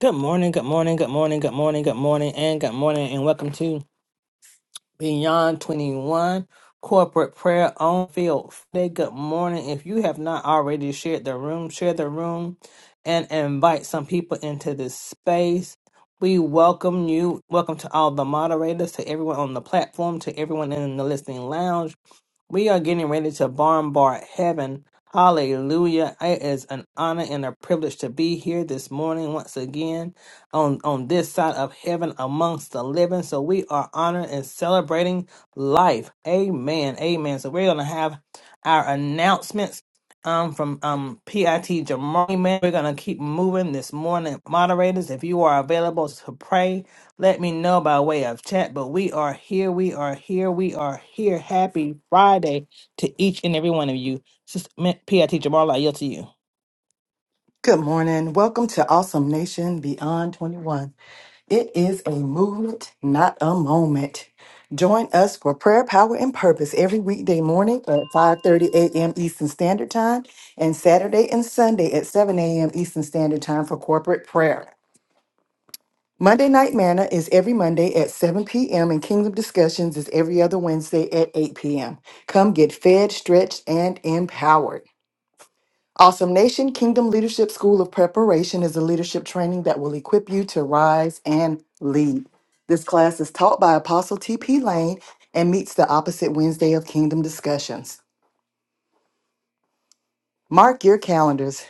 Good morning, good morning, good morning, good morning, good morning, and good morning, and welcome to Beyond 21 Corporate Prayer on Field. Friday. Good morning. If you have not already shared the room, share the room and invite some people into this space. We welcome you. Welcome to all the moderators, to everyone on the platform, to everyone in the listening lounge. We are getting ready to bombard heaven. Hallelujah. It is an honor and a privilege to be here this morning once again on, on this side of heaven amongst the living. So we are honored and celebrating life. Amen. Amen. So we're going to have our announcements um, from um, PIT Jamari, man. We're going to keep moving this morning. Moderators, if you are available to pray, let me know by way of chat. But we are here. We are here. We are here. Happy Friday to each and every one of you. Sister Ma- PIT Jamari, I yield to you. Good morning. Welcome to Awesome Nation Beyond 21. It is a movement, not a moment. Join us for prayer, power, and purpose every weekday morning at 5:30 a.m. Eastern Standard Time and Saturday and Sunday at 7 a.m. Eastern Standard Time for corporate prayer. Monday Night Manna is every Monday at 7 p.m. and Kingdom Discussions is every other Wednesday at 8 p.m. Come get fed, stretched, and empowered. Awesome Nation Kingdom Leadership School of Preparation is a leadership training that will equip you to rise and lead. This class is taught by Apostle T.P. Lane and meets the opposite Wednesday of Kingdom Discussions. Mark your calendars.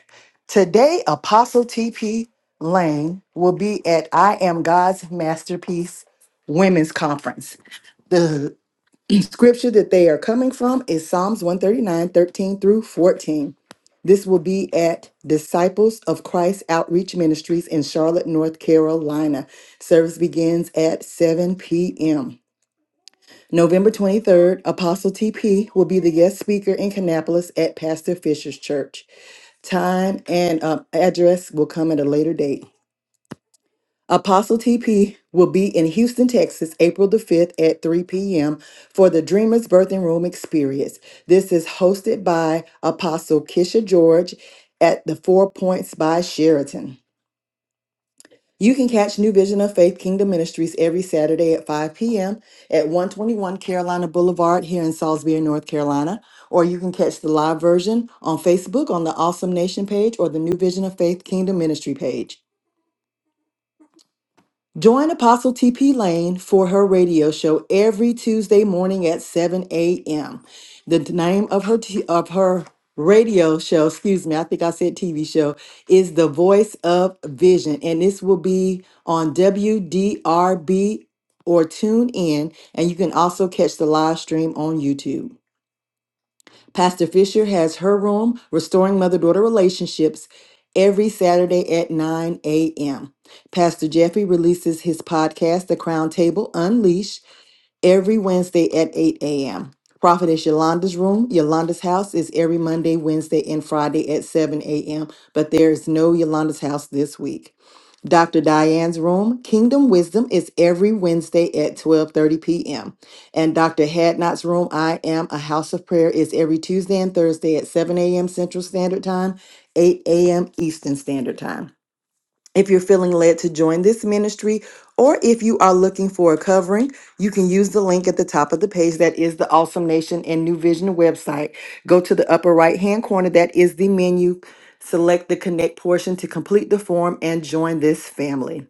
Today, Apostle T.P. Lane will be at I Am God's Masterpiece Women's Conference. Scripture that they are coming from is Psalms one thirty nine thirteen through 14. This will be at Disciples of Christ Outreach Ministries in Charlotte, North Carolina. Service begins at 7 p.m. November 23rd, Apostle TP will be the guest speaker in Kannapolis at Pastor Fisher's Church. Time and um, address will come at a later date. Apostle TP will be in Houston, Texas, April the 5th at 3 p.m. for the Dreamers Birthing Room Experience. This is hosted by Apostle Kisha George at the Four Points by Sheraton. You can catch New Vision of Faith Kingdom Ministries every Saturday at 5 p.m. at 121 Carolina Boulevard here in Salisbury, North Carolina. Or you can catch the live version on Facebook on the Awesome Nation page or the New Vision of Faith Kingdom Ministry page. Join Apostle TP Lane for her radio show every Tuesday morning at 7 a.m. The name of her t- of her radio show, excuse me, I think I said TV show, is The Voice of Vision, and this will be on WDRB or tune in, and you can also catch the live stream on YouTube. Pastor Fisher has her room, Restoring Mother Daughter Relationships, every Saturday at 9 a.m. Pastor Jeffrey releases his podcast, The Crown Table Unleashed every Wednesday at 8 a.m. Prophetess Yolanda's room, Yolanda's house is every Monday, Wednesday, and Friday at 7 a.m., but there is no Yolanda's house this week. Dr. Diane's room, Kingdom Wisdom, is every Wednesday at 12:30 p.m. And Dr. Hadnot's room, I Am a House of Prayer, is every Tuesday and Thursday at 7 a.m. Central Standard Time, 8 a.m. Eastern Standard Time. If you're feeling led to join this ministry, or if you are looking for a covering, you can use the link at the top of the page. That is the Awesome Nation and New Vision website. Go to the upper right hand corner. That is the menu. Select the connect portion to complete the form and join this family.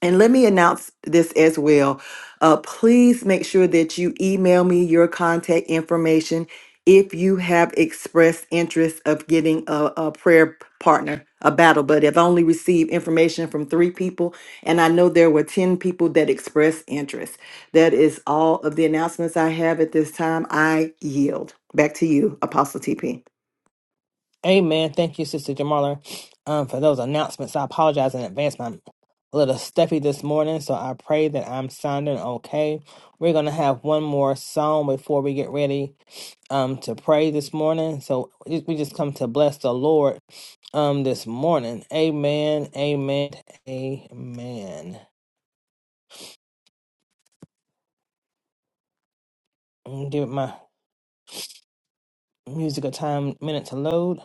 And let me announce this as well. Uh, please make sure that you email me your contact information if you have expressed interest of getting a, a prayer partner, a battle buddy. I've only received information from three people, and I know there were 10 people that expressed interest. That is all of the announcements I have at this time. I yield. Back to you, Apostle TP. Amen. Thank you, Sister Jamarla, um, for those announcements. I apologize in advance. I'm a little stuffy this morning, so I pray that I'm sounding okay. We're going to have one more song before we get ready um, to pray this morning. So we we just come to bless the Lord um, this morning. Amen. Amen. Amen. I'm Give it my music a time minute to load.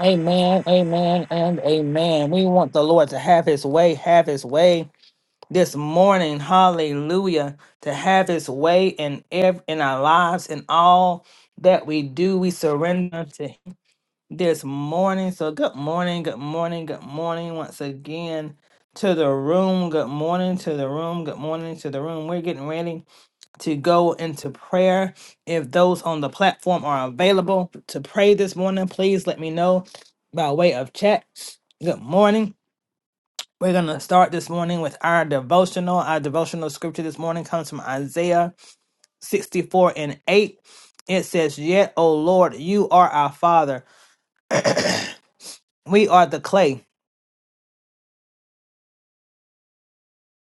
Amen. Amen. And amen. We want the Lord to have his way, have his way this morning, hallelujah, to have his way in ev- in our lives and all that we do, we surrender to him this morning. So good morning, good morning, good morning once again to the room. Good morning to the room. Good morning to the room. We're getting ready to go into prayer. If those on the platform are available to pray this morning, please let me know by way of chat. Good morning. We're going to start this morning with our devotional. Our devotional scripture this morning comes from Isaiah 64 and 8. It says, Yet, O Lord, you are our Father. We are the clay,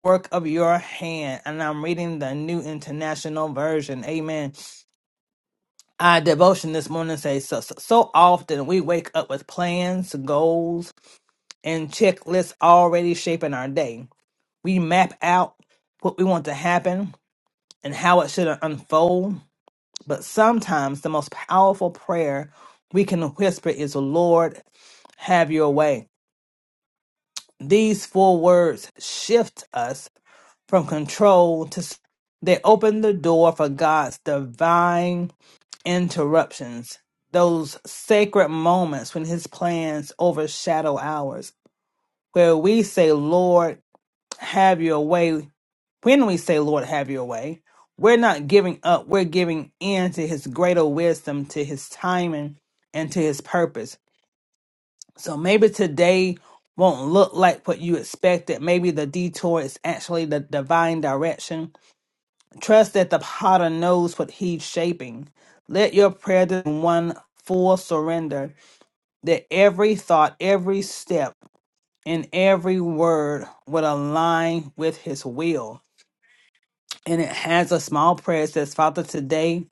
work of your hand. And I'm reading the New International Version. Amen. Our devotion this morning says, So, so so often we wake up with plans, goals, and checklists already shaping our day. We map out what we want to happen and how it should unfold But sometimes the most powerful prayer we can whisper is, Lord, have your way. These four words shift us from control to. s- They open the door for God's divine interruptions, those sacred moments when his plans overshadow ours, where we say, Lord, have your way When we say, Lord, have your way, we're not giving up. We're giving in to his greater wisdom, to his timing, and to his purpose. So maybe today won't look like what you expected. Maybe the detour is actually the divine direction. Trust that the potter knows what he's shaping. Let your prayer be one full surrender that every thought, every step, and every word would align with his will and it has a small prayer. It says, Father, today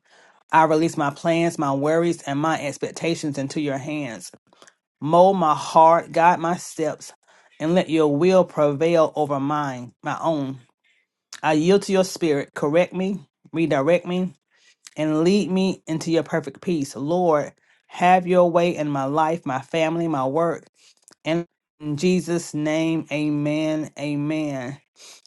I release my plans, my worries, and my expectations into your hands. Mold my heart, guide my steps, and let your will prevail over mine, my own. I yield to your spirit. Correct me, redirect me, and lead me into your perfect peace. Lord, have your way in my life, my family, my work and in Jesus' name, amen, amen.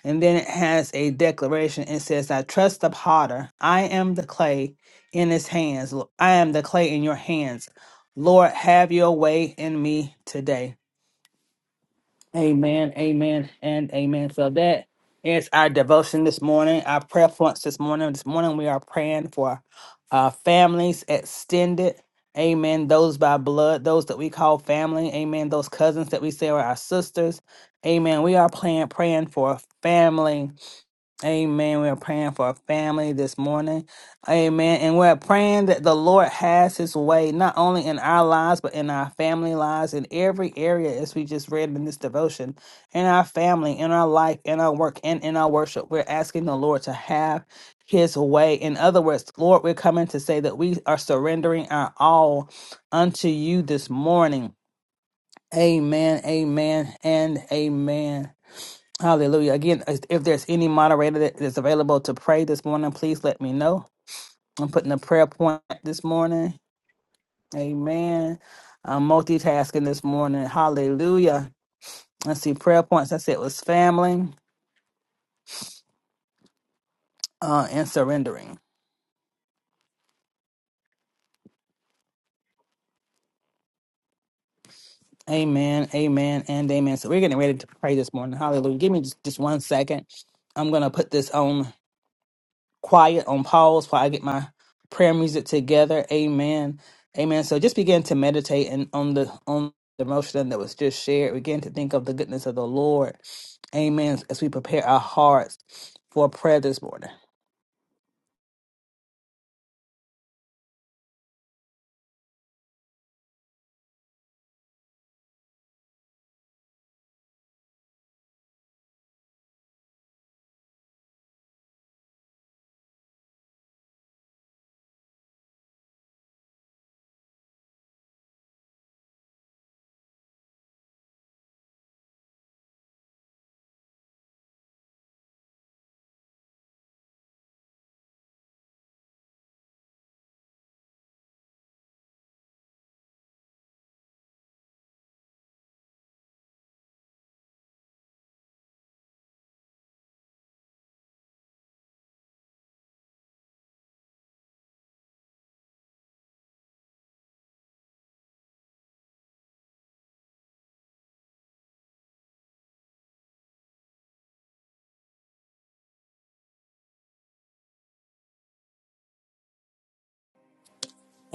And then it has a declaration. It says, I trust the potter. I am the clay in his hands. Lo- I am the clay in your hands. Lord, have your way in me today. Amen, amen, and amen. So that is our devotion this morning, our prayer points this morning. This morning we are praying for uh, families, extended, amen, those by blood, those that we call family, amen, those cousins that we say are our sisters, amen. We are praying, praying for family Amen. We are praying for our family this morning. Amen. And we're praying that the Lord has his way, not only in our lives, but in our family lives, in every area, as we just read in this devotion, in our family, in our life, in our work, and in our worship. We're asking the Lord to have his way. In other words, Lord, we're coming to say that we are surrendering our all unto you this morning. Amen. Amen. And amen. Hallelujah. Again, if if there's any moderator that is available to pray this morning, please let me know. I'm putting a prayer point this morning. Amen. I'm multitasking this morning. Hallelujah. I see prayer points. I said was family uh, and surrendering. Amen. Amen. And amen. So we're getting ready to pray this morning. Hallelujah. Give me just, just one second. I'm going to put this on. quiet on pause while I get my prayer music together. Amen. Amen. So just begin to meditate and on the on the motion that was just shared. Begin to think of the goodness of the Lord. Amen. As we prepare our hearts for prayer this morning.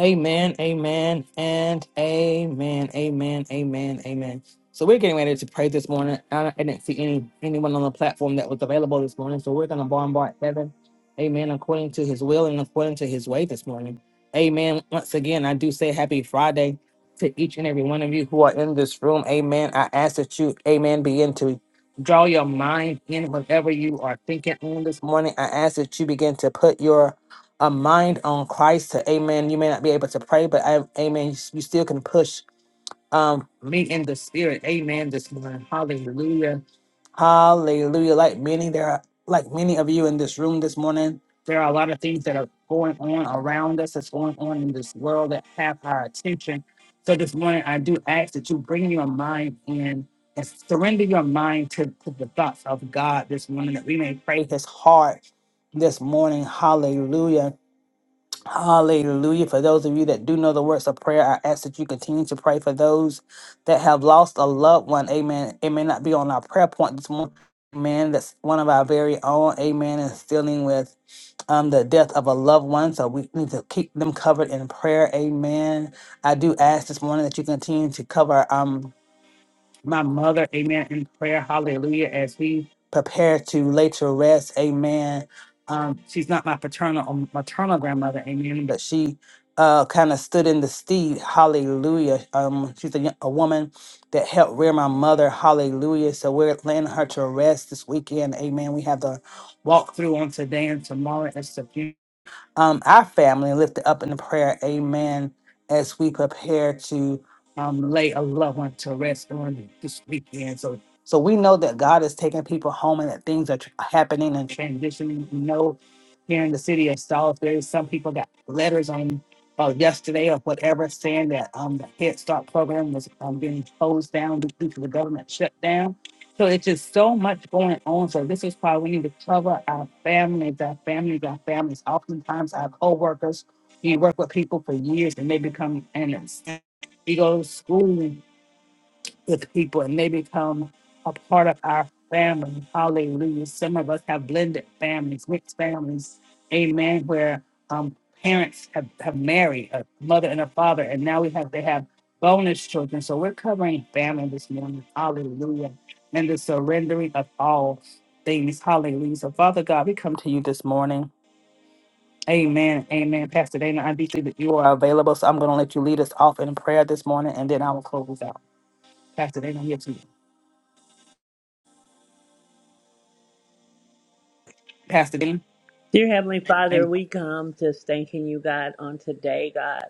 Amen, amen, and amen, amen, amen, amen. So we're getting ready to pray this morning. I, I didn't see any anyone on the platform that was available this morning. So we're going to bombard heaven, amen, according to His will and according to His way this morning. Amen. Once again, I do say Happy Friday to each and every one of you who are in this room. Amen. I ask that you, Amen, begin to draw your mind in whatever you are thinking on this morning. I ask that you begin to put your a mind on Christ to amen. You may not be able to pray, but I, amen. You, you still can push um me in the spirit. Amen. This morning. Hallelujah. Hallelujah. Like many there are like many of you in this room this morning, there are a lot of things that are going on around us, that's going on in this world that have our attention. So this morning I do ask that you bring your mind in and surrender your mind to, to the thoughts of God this morning that we may pray his heart this morning. Hallelujah Hallelujah. For those of you that do know the words of prayer, I ask that you continue to pray for those that have lost a loved one. Amen. It may not be on our prayer point this morning. Amen. That's one of our very own. Amen. And still dealing with um, the death of a loved one. So we need to keep them covered in prayer. Amen. I do ask this morning that you continue to cover. um, my mother, amen, in prayer, hallelujah, as we prepare to lay to rest, amen. Um, she's not my paternal or maternal grandmother, amen, but she uh, kind of stood in the steed, hallelujah. Um, she's a, yo- a woman that helped rear my mother, hallelujah. So we're laying her to rest this weekend, amen. We have the walkthrough on today and tomorrow at Sabina um, our family and lift it up in the prayer. Amen. As we prepare to um, lay a loved one to rest on this weekend. So, so we know that God is taking people home and that things are tr- happening and transitioning. We know here in the city of Salisbury, some people got letters on uh, yesterday or whatever saying that um, the Head Start program was um, being closed down due to the government shutdown. So it's just so much going on. So this is why we need to cover our families, our families, our families. Oftentimes our coworkers, you work with people for years and they become enemies. We go to school with people and they become a part of our family. Hallelujah. Some of us have blended families, mixed families. Amen. Where um, parents have, have married a mother and a father, and now we have they have bonus children. So we're covering family this morning. Hallelujah. And the surrendering of all things. Hallelujah. So, Father God, we come to you this morning. Amen. Amen. Pastor Dana, I do see that you are available. So I'm going to let you lead us off in prayer this morning, and then I will close out. Pastor Dana, yes. Pastor Dean. Dear Heavenly Father, Amen. we come just thanking you, God, on today, God.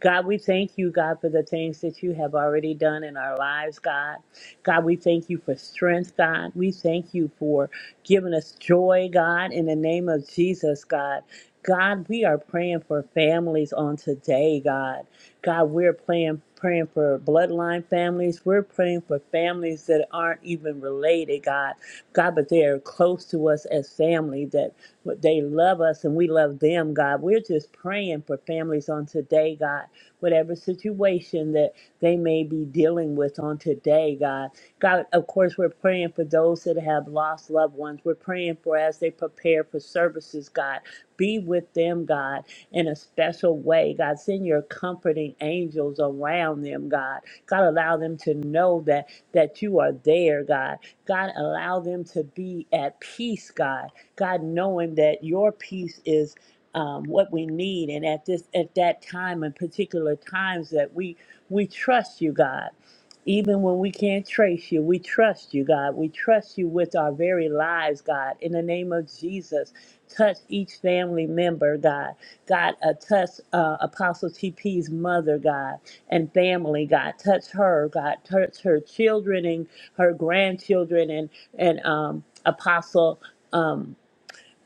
God, we thank you, God, for the things that you have already done in our lives, God. God, we thank you for strength, God. We thank you for giving us joy, God, in the name of Jesus, God. God, we are praying for families on today, God. God, we're praying, praying for bloodline families. We're praying for families that aren't even related, God. God, but they are close to us as family that but they love us and we love them, God. We're just praying for families on today, God. Whatever situation that they may be dealing with on today, God. God, of course, we're praying for those that have lost loved ones. We're praying for as they prepare for services, God. Be with them, God, in a special way. God, send your comforting angels around them, God. God, allow them to know that that you are there, God. God, allow them to be at peace, God. God, knowing that your peace is um, what we need, and at this at that time and particular times that we we trust you, God. Even when we can't trace you, we trust you, God. We trust you with our very lives, God. In the name of Jesus, touch each family member, God. God, uh, touch uh, Apostle TP's mother, God, and family, God. Touch her, God. Touch her children and her grandchildren and and um, Apostle. Um,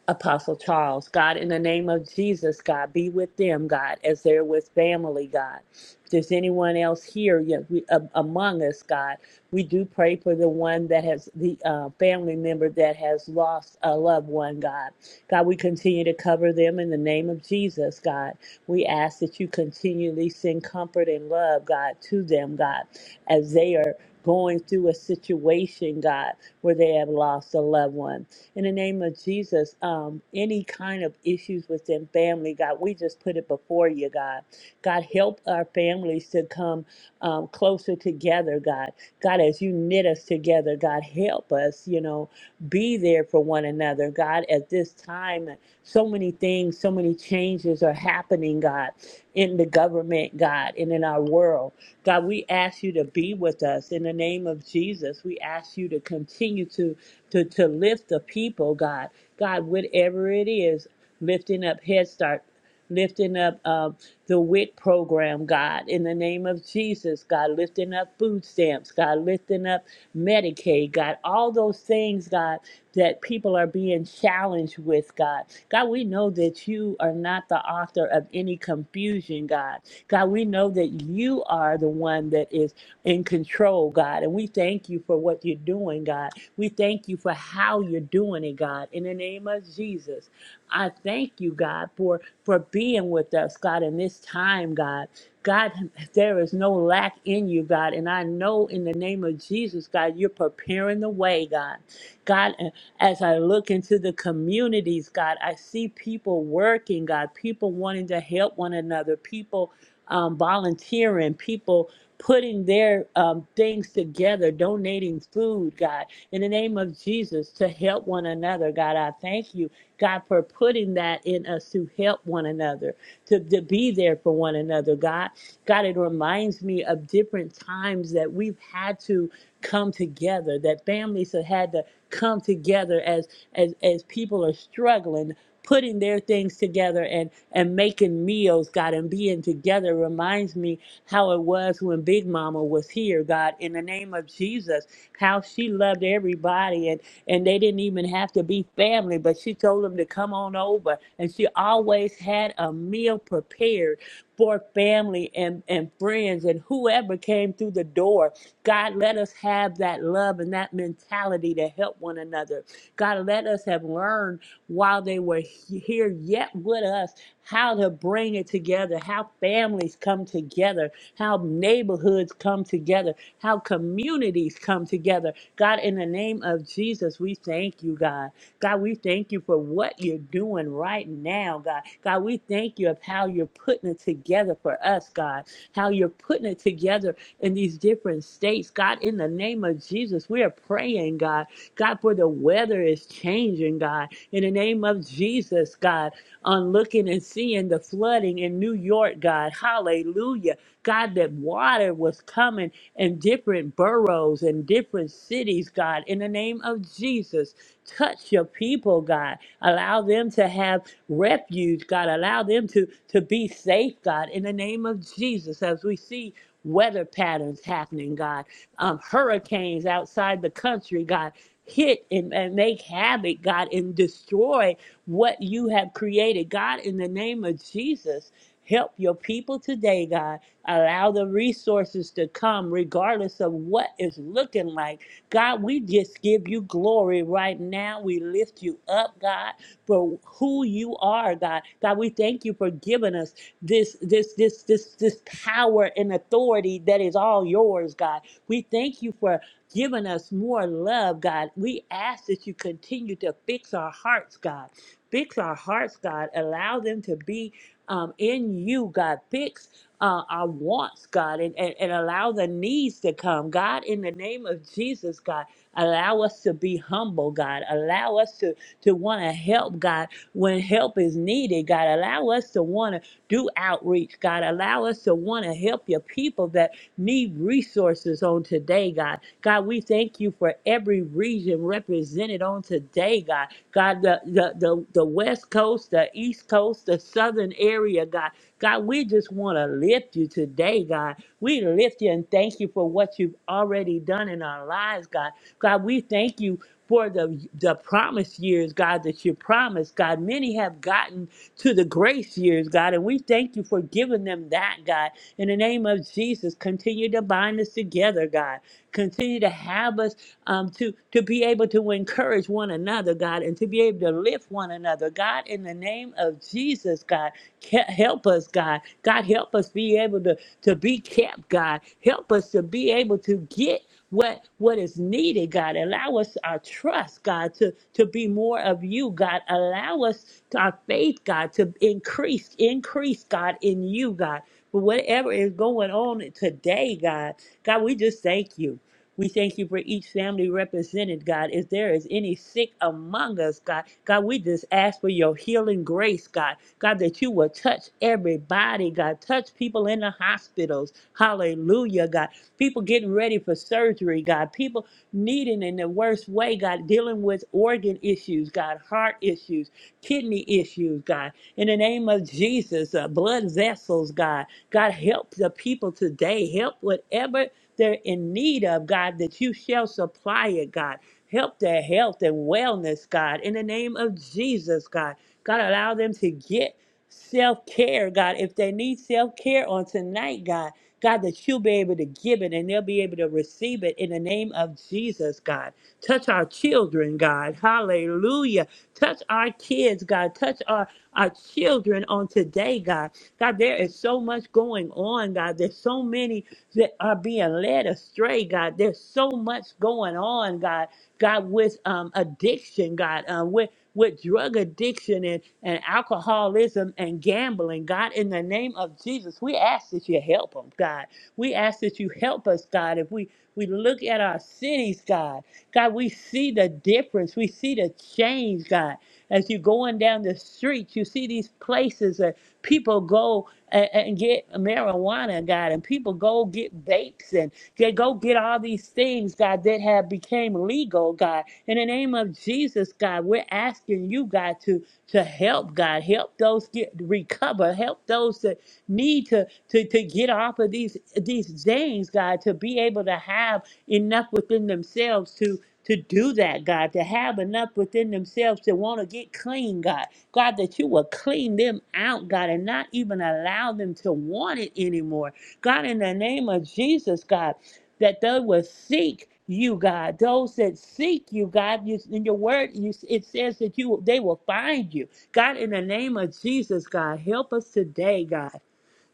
Apostle Charles, God, in the name of Jesus, God, be with them, God, as they're with family, God. If there's anyone else here yet we, um, among us, God, we do pray for the one that has the uh, family member that has lost a loved one, God. God, we continue to cover them in the name of Jesus, God. We ask that you continually send comfort and love, God, to them, God, as they are going through a situation, God, where they have lost a loved one. In the name of Jesus, um, any kind of issues within family, God, we just put it before you, God. God, help our families to come um, closer together, God. God, as you knit us together, God, help us, you know, be there for one another, God, at this time. So many things, so many changes are happening, God, in the government, God, and in our world. God, we ask you to be with us in the name of Jesus. We ask you to continue to to, to lift the people, God. God, whatever it is, lifting up Head Start, lifting up um, the WIC program, God, in the name of Jesus, God, lifting up food stamps, God, lifting up Medicaid, God, all those things, God, that people are being challenged with, God. God, we know that you are not the author of any confusion, God. God, we know that you are the one that is in control, God, and we thank you for what you're doing, God. We thank you for how you're doing it, God. In the name of Jesus, I thank you, God, for for being with us, God, in this time, God. God, there is no lack in you, God. And I know in the name of Jesus, God, you're preparing the way, God. God, as I look into the communities, God, I see people working, God, people wanting to help one another, people um, volunteering, people putting their um, things together, donating food, God in the name of Jesus to help one another. God, I thank you, God, for putting that in us to help one another, to, to be there for one another, God. God, it reminds me of different times that we've had to come together, that families have had to come together as as as people are struggling, putting their things together and and making meals, God, and being together reminds me how it was when Big Mama was here, God, in the name of Jesus, how she loved everybody and and they didn't even have to be family, but she told them to come on over and she always had a meal prepared for family and, and friends and whoever came through the door. God, let us have that love and that mentality to help one another. God, let us have learned while they were he- here yet with us how to bring it together, how families come together, how neighborhoods come together, how communities come together. God, in the name of Jesus, we thank you, God. God, we thank you for what you're doing right now, God. God, we thank you of how you're putting it together for us, God. How you're putting it together in these different states, God. In the name of Jesus, we are praying, God. God, for the weather is changing, God. In the name of Jesus, God, on looking and seeing the flooding in New York, God. Hallelujah. God, that water was coming in different boroughs and different cities, God, in the name of Jesus touch your people, God. Allow them to have refuge, God. Allow them to, to be safe, God, in the name of Jesus, as we see weather patterns happening, God. Um, hurricanes outside the country, God. Hit and, and make havoc, God, and destroy what you have created. God, in the name of Jesus, help your people today, God. Allow the resources to come, regardless of what is looking like God, we just give you glory right now. We lift you up, God, for who you are, God. God, we thank you for giving us this this this this this power and authority that is all yours, God. We thank you for giving us more love, God. We ask that you continue to fix our hearts, God. Fix our hearts, God. Allow them to be um, in you, God. Fix uh, our wants, God, and, and, and allow the needs to come. God, in the name of Jesus, God, allow us to be humble, God. Allow us to, to want to help, God, when help is needed, God. Allow us to want to do outreach, God. Allow us to want to help your people that need resources on today, God. God, we thank you for every region represented on today, God. God, the, the, the, the West Coast, the East Coast, the Southern area, God. God, we just want to lift you today, God. We lift you and thank you for what you've already done in our lives, God. God, we thank you for the the promise years, God, that you promised, God. Many have gotten to the grace years, God, and we thank you for giving them that, God. In the name of Jesus, continue to bind us together, God. Continue to have us um, to to be able to encourage one another, God, and to be able to lift one another, God. In the name of Jesus, God, ca- help us, God. God, help us be able to to be kept, God. Help us to be able to get what what is needed, God. Allow us our trust, God, to to be more of you, God. Allow us our faith, God, to increase, increase, God, in you, God. For whatever is going on today, God, God, we just thank you. We thank you for each family represented, God. If there is any sick among us, God, God, we just ask for your healing grace, God. God, that you will touch everybody, God. Touch people in the hospitals. Hallelujah, God. People getting ready for surgery, God. People needing in the worst way, God, dealing with organ issues, God, heart issues, kidney issues, God. In the name of Jesus, uh, blood vessels, God. God, help the people today. Help whatever they're in need of, God, that you shall supply it, God. Help their health and wellness, God, in the name of Jesus, God. God, allow them to get self care, God. If they need self care on tonight, God, God, that you'll be able to give it and they'll be able to receive it in the name of Jesus, God. Touch our children, God. Hallelujah. Touch our kids, God. Touch our, our children on today, God. God, there is so much going on, God. There's so many that are being led astray, God. There's so much going on, God. God, with um, addiction, God, uh, with with drug addiction and, and alcoholism and gambling, God, in the name of Jesus, we ask that you help them, God. We ask that you help us, God. If we we look at our cities, God, God, we see the difference. We see the change, God. As you're going down the streets, you see these places. uh, People go and, and get marijuana, God, and people go get vapes and they go get all these things, God, that have became legal, God. In the name of Jesus, God, we're asking you, God, to to help, God, help those get recover, help those that need to to to get off of these these things, God, to be able to have enough within themselves to to do that, God, to have enough within themselves to want to get clean, God. God, that you will clean them out, God, and not even allow them to want it anymore. God, in the name of Jesus, God, that they will seek you, God. Those that seek you, God, you, in your word, you, it says that you they will find you. God, in the name of Jesus, God, help us today, God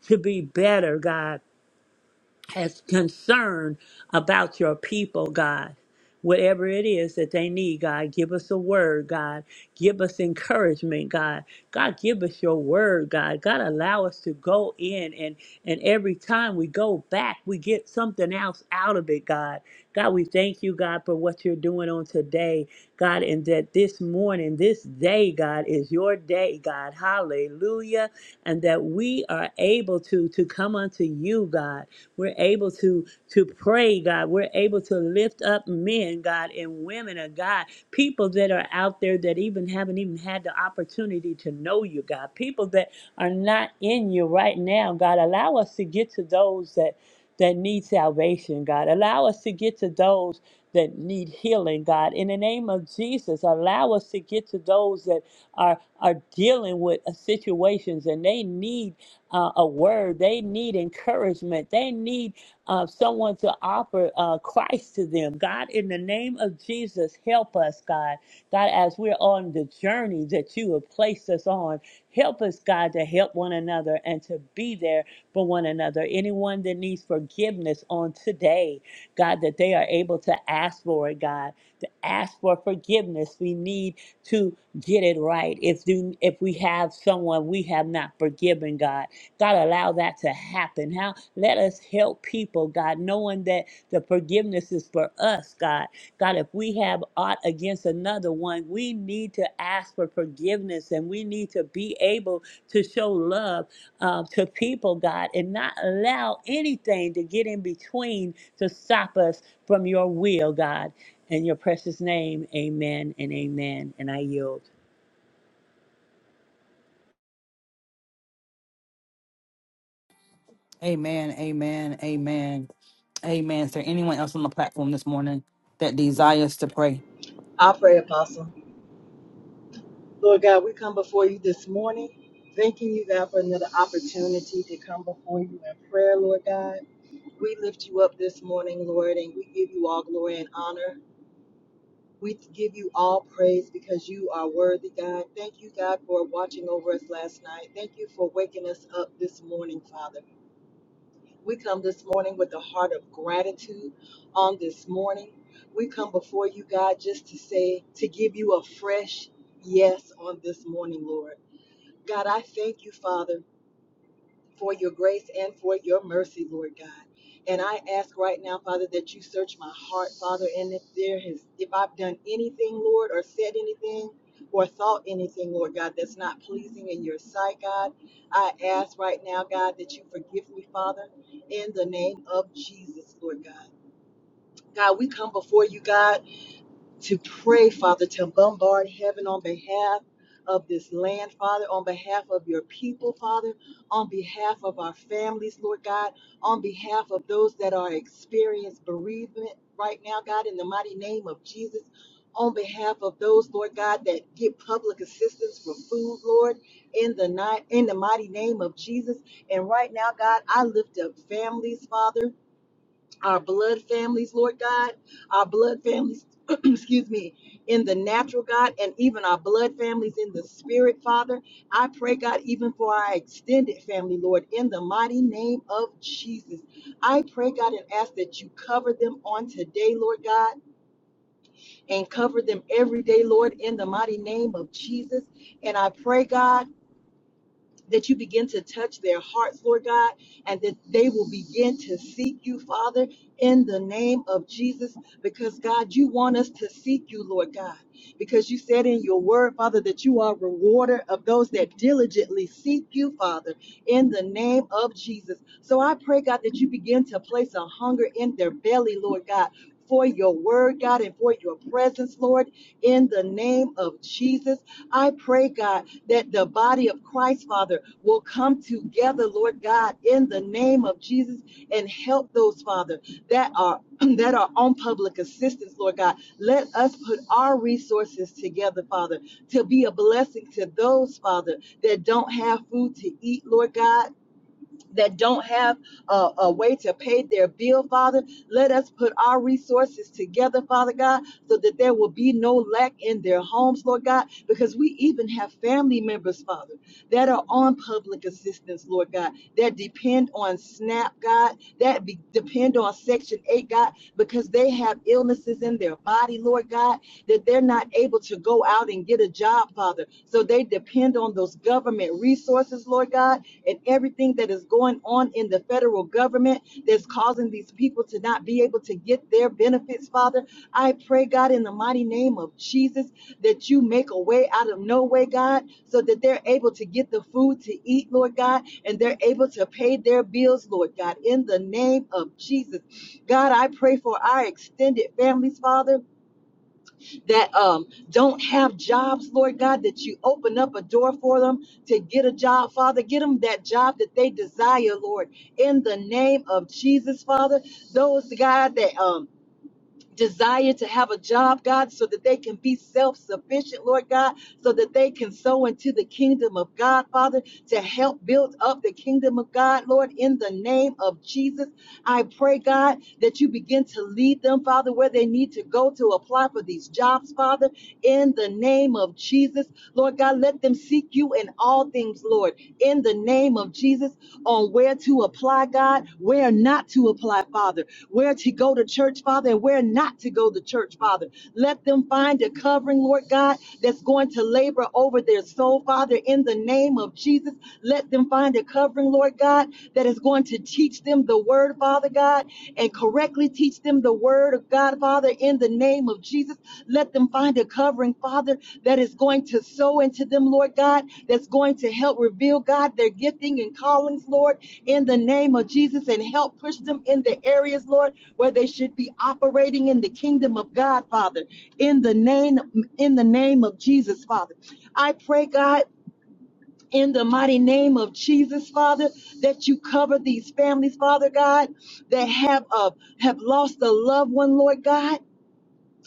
to be better, God as concerned about your people, God. Whatever it is that they need, God, give us a word, God. Give us encouragement, God. God, give us your word, God. God, allow us to go in and and every time we go back, we get something else out of it, God. God, we thank you, God, for what you're doing on today, God, and that this morning, this day, God, is your day, God. Hallelujah. And that we are able to to come unto you, God. We're able to to pray, God. We're able to lift up men, God, and women of God, people that are out there that even haven't even had the opportunity to know you, God. People that are not in you right now, God. Allow us to get to those that that need salvation, God. Allow us to get to those that need healing, God. In the name of Jesus, allow us to get to those that are are dealing with uh, situations and they need uh, a word. They need encouragement. They need uh, someone to offer uh, Christ to them. God, in the name of Jesus, help us, God. God, as we're on the journey that you have placed us on, help us, God, to help one another and to be there for one another. Anyone that needs forgiveness on today, God, that they are able to ask for it, God, to ask for forgiveness. We need to get it right. If, do, if we have someone we have not forgiven, God, God, allow that to happen. How let us help people, God, knowing that the forgiveness is for us, God. God, if we have aught against another one, we need to ask for forgiveness and we need to be able to show love uh, to people, God, and not allow anything to get in between to stop us from your will, God. In your precious name, amen and amen. And I yield. Amen. Amen. Amen. Amen. Is there anyone else on the platform this morning that desires to pray? I pray, Apostle. Lord God, we come before you this morning, thanking you, God, for another opportunity to come before you in prayer, Lord God. We lift you up this morning, Lord, and we give you all glory and honor. We give you all praise because you are worthy, God. Thank you, God, for watching over us last night. Thank you for waking us up this morning, Father. We come this morning with a heart of gratitude on this morning. We come before you, God, just to say, to give you a fresh yes on this morning, Lord. God, I thank you, Father, for your grace and for your mercy, Lord God. And I ask right now, Father, that you search my heart, Father, and if there has if I've done anything, Lord, or said anything or thought anything, Lord God, that's not pleasing in your sight, God, I ask right now, God, that you forgive me, Father, in the name of Jesus, Lord God. God, we come before you, God to pray, Father, to bombard heaven on behalf of this land, Father, on behalf of your people, Father, on behalf of our families, Lord God, on behalf of those that are experiencing bereavement right now, God, in the mighty name of Jesus. On behalf of those, Lord God, that get public assistance for food, Lord, in the night, in the mighty name of Jesus. And right now, God, I lift up families, Father our blood families, Lord God, our blood families, excuse me, in the natural, God, and even our blood families in the spirit, Father. I pray, God, even for our extended family, Lord, in the mighty name of Jesus. I pray, God, and ask that you cover them on today, Lord God, and cover them every day, Lord, in the mighty name of Jesus. And I pray, God, that you begin to touch their hearts, Lord God, and that they will begin to seek you, Father, in the name of Jesus, because God, you want us to seek you, Lord God, because you said in your word, Father, that you are a rewarder of those that diligently seek you, Father, in the name of Jesus. So I pray, God, that you begin to place a hunger in their belly, Lord God. For your word, God, and for your presence, Lord, in the name of Jesus. I pray, God that the body of Christ, Father, will come together, Lord God, in the name of Jesus and help those, Father, that are that are on public assistance, Lord God. Let us put our resources together, Father, to be a blessing to those, Father, that don't have food to eat, Lord God that don't have a, a way to pay their bill, Father. Let us put our resources together, Father God, so that there will be no lack in their homes, Lord God, because we even have family members, Father, that are on public assistance, Lord God, that depend on SNAP, God, that be, depend on Section 8, God, because they have illnesses in their body, Lord God, that they're not able to go out and get a job, Father. So they depend on those government resources, Lord God and everything that is going on in the federal government that's causing these people to not be able to get their benefits, Father. I pray, God, in the mighty name of Jesus, that you make a way out of no way, God, so that they're able to get the food to eat, Lord God, and they're able to pay their bills, Lord God, in the name of Jesus. God, I pray for our extended families, Father that um, don't have jobs, Lord God, that you open up a door for them to get a job, Father. Get them that job that they desire, Lord, in the name of Jesus, Father. Those, God, that um, desire to have a job, God, so that they can be self sufficient, Lord God, so that they can sow into the kingdom of God, Father, to help build up the kingdom of God, Lord, in the name of Jesus. I pray, God, that you begin to lead them, Father, where they need to go to apply for these jobs, Father, in the name of Jesus. Lord God, let them seek you in all things, Lord, in the name of Jesus, on where to apply, God, where not to apply, Father where to go to church, Father, and where not to go to church, Father. Let them find a covering, Lord God, that's going to labor over their soul, Father, in the name of Jesus. Let them find a covering, Lord God, that is going to teach them the word, Father God, and correctly teach them the word of God, Father, in the name of Jesus. Let them find a covering, Father, that is going to sow into them, Lord God, that's going to help reveal, God, their gifting and callings, Lord in the name of Jesus and help push them in the areas, Lord, where they should be operating in the kingdom of God, Father. In the name, in the name of Jesus, Father. I pray, God. In the mighty name of Jesus, Father, that you cover these families, Father God, that have uh, have lost a loved one, Lord God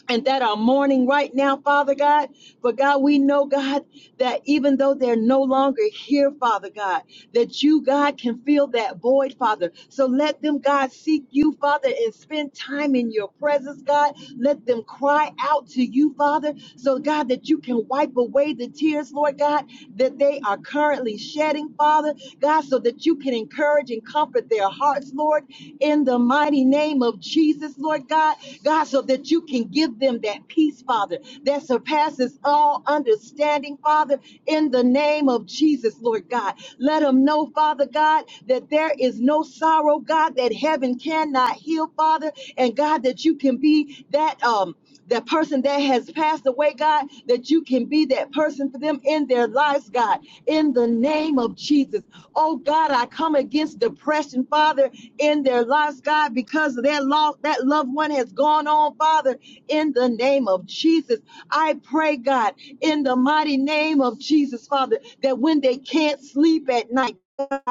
and that are mourning right now, Father God. But God, we know, God, that even though they're no longer here, Father God, that you, God, can fill that void, Father. So let them, God, seek you, Father, and spend time in your presence, God. Let them cry out to you, Father. So, God, that you can wipe away the tears, Lord God, that they are currently shedding, Father. God, so that you can encourage and comfort their hearts, Lord in the mighty name of Jesus, Lord God. God, so that you can give them that peace, Father, that surpasses all understanding, Father, in the name of Jesus, Lord God. Let them know, Father God, that there is no sorrow, God, that heaven cannot heal, Father, and God, that you can be that um that person that has passed away, God, that you can be that person for them in their lives, God, in the name of Jesus. Oh God, I come against depression, Father, in their lives, God, because their loss, that loved one has gone on, Father, in the name of Jesus. I pray, God, in the mighty name of Jesus, Father, that when they can't sleep at night, God,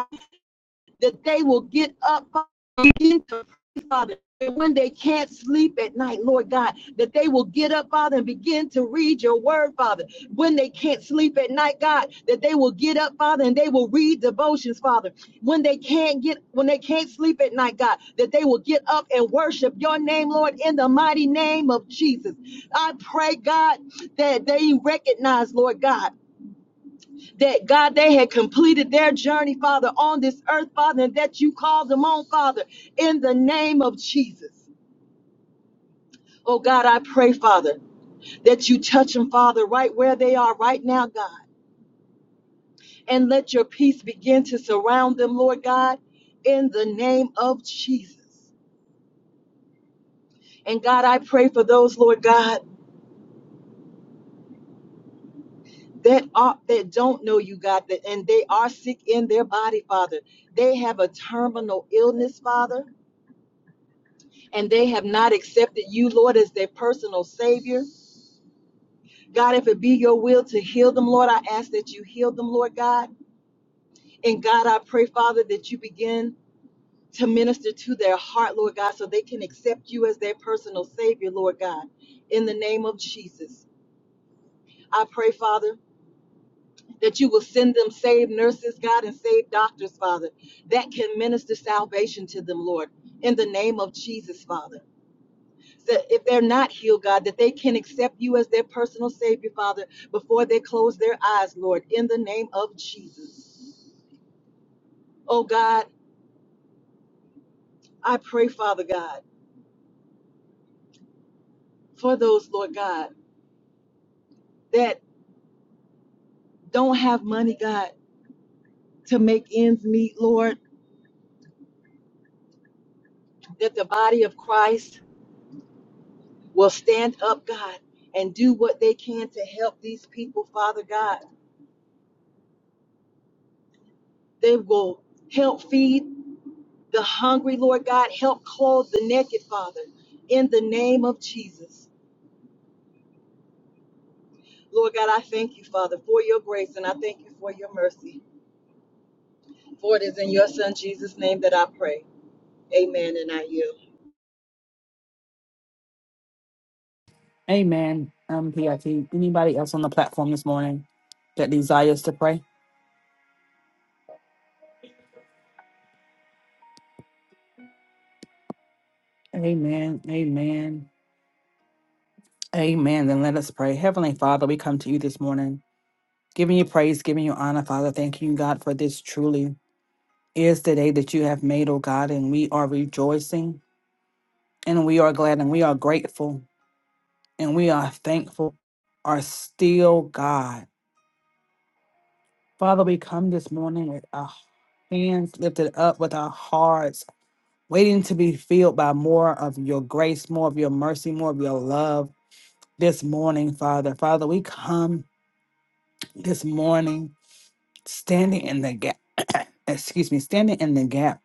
that they will get up begin to pray, Father. And when they can't sleep at night, Lord God, that they will get up, Father, and begin to read your word, Father. When they can't sleep at night, God, that they will get up, Father, and they will read devotions, Father. When they can't get, when they can't sleep at night, God, that they will get up and worship your name, Lord, in the mighty name of Jesus. I pray, God, that they recognize, Lord God, that God, they had completed their journey, Father, on this earth, Father, and that you called them on, Father, in the name of Jesus. Oh God, I pray, Father, that you touch them, Father, right where they are right now, God, and let your peace begin to surround them, Lord God, in the name of Jesus. And God, I pray for those, Lord God, that are that don't know you, God, that and they are sick in their body, Father. They have a terminal illness, Father. and they have not accepted you, Lord, as their personal Savior. God, if it be your will to heal them, Lord, I ask that you heal them, Lord God. And God, I pray, Father, that you begin to minister to their heart, Lord God, so they can accept you as their personal Savior, Lord God, in the name of Jesus. I pray, Father, that you will send them saved nurses, God, and saved doctors, Father, that can minister salvation to them, Lord, in the name of Jesus, Father. that if they're not healed, God, that they can accept you as their personal Savior, Father, before they close their eyes, Lord, in the name of Jesus. Oh God, I pray, Father God, for those, Lord God, that don't have money, God, to make ends meet, Lord, that the body of Christ will stand up, God, and do what they can to help these people, Father God. They will help feed the hungry, Lord God. Help clothe the naked, Father, in the name of Jesus. Lord God, I thank you, Father, for your grace and I thank you for your mercy. For it is in your Son, Jesus' name, that I pray. Amen. And I yield. Amen. Um, PIT. Anybody else on the platform this morning that desires to pray? Amen. Amen. Amen. Then let us pray. Heavenly Father, we come to you this morning, giving you praise, giving you honor, Father. Thank you, God, for this truly is the day that you have made, oh God, and we are rejoicing and we are glad and we are grateful. and we are thankful, are still God. Father, we come this morning with our hands lifted up, with our hearts waiting to be filled by more of your grace, more of your mercy, more of your love this morning, Father. Father, we come this morning standing in the gap, excuse me, standing in the gap.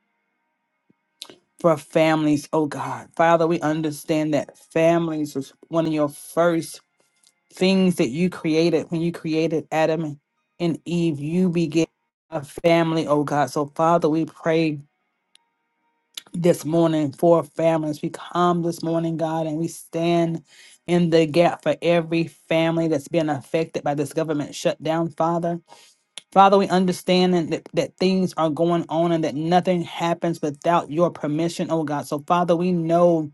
For families, oh God. Father, we understand that families is one of your first things that you created when you created Adam and Eve, you began a family, oh God. So, Father, we pray this morning for families. We come this morning, God, and we stand in the gap for every family that's been affected by this government shutdown, Father. Father, we understand and that, that things are going on and that nothing happens without your permission, oh God. So, Father, we know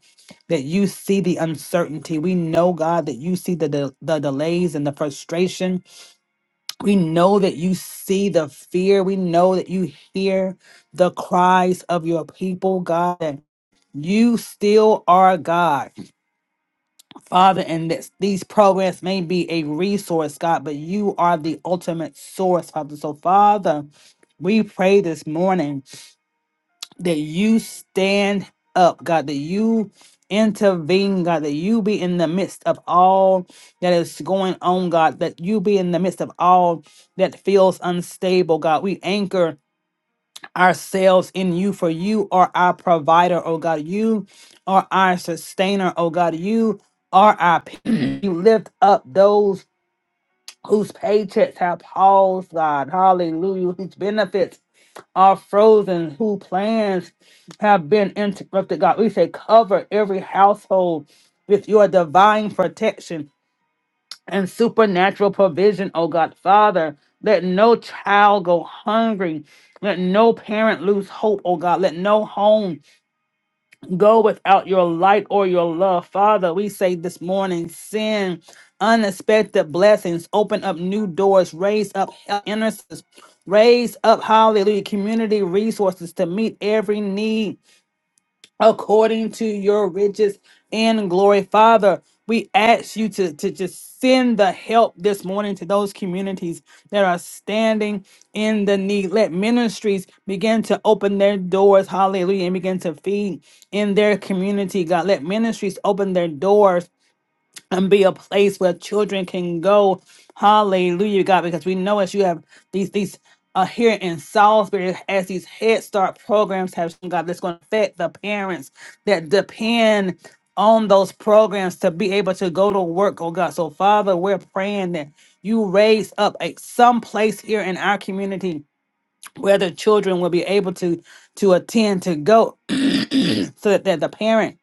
that you see the uncertainty. We know, God, that you see the, de- the delays and the frustration. We know that you see the fear. We know that you hear the cries of your people, God, that you still are God. Father, and this, these programs may be a resource, God, but you are the ultimate source, Father. So, Father, we pray this morning that you stand up, God, that you intervene, God, that you be in the midst of all that is going on, God, that you be in the midst of all that feels unstable, God. We anchor ourselves in you, for you are our provider, oh God. You are our sustainer, oh God. You are our peace. You lift up those whose paychecks have paused, God. Hallelujah. Whose benefits are frozen, whose plans have been interrupted, God. We say, cover every household with your divine protection and supernatural provision, oh God. Father, let no child go hungry. Let no parent lose hope, oh God. Let no home go without your light or your love. Father, we say this morning, send unexpected blessings, open up new doors, raise up intercessors, raise up, hallelujah, community resources to meet every need according to your riches and glory. Father, we ask you to, to just send the help this morning to those communities that are standing in the need. Let ministries begin to open their doors, hallelujah, and begin to feed in their community, God. Let ministries open their doors and be a place where children can go. Hallelujah, God, because we know as you have these these uh, here in Salisbury, as these Head Start programs have God, that's going to affect the parents that depend on those programs to be able to go to work, oh God. So, Father, we're praying that you raise up a some place here in our community where the children will be able to to attend to go so that, that the parent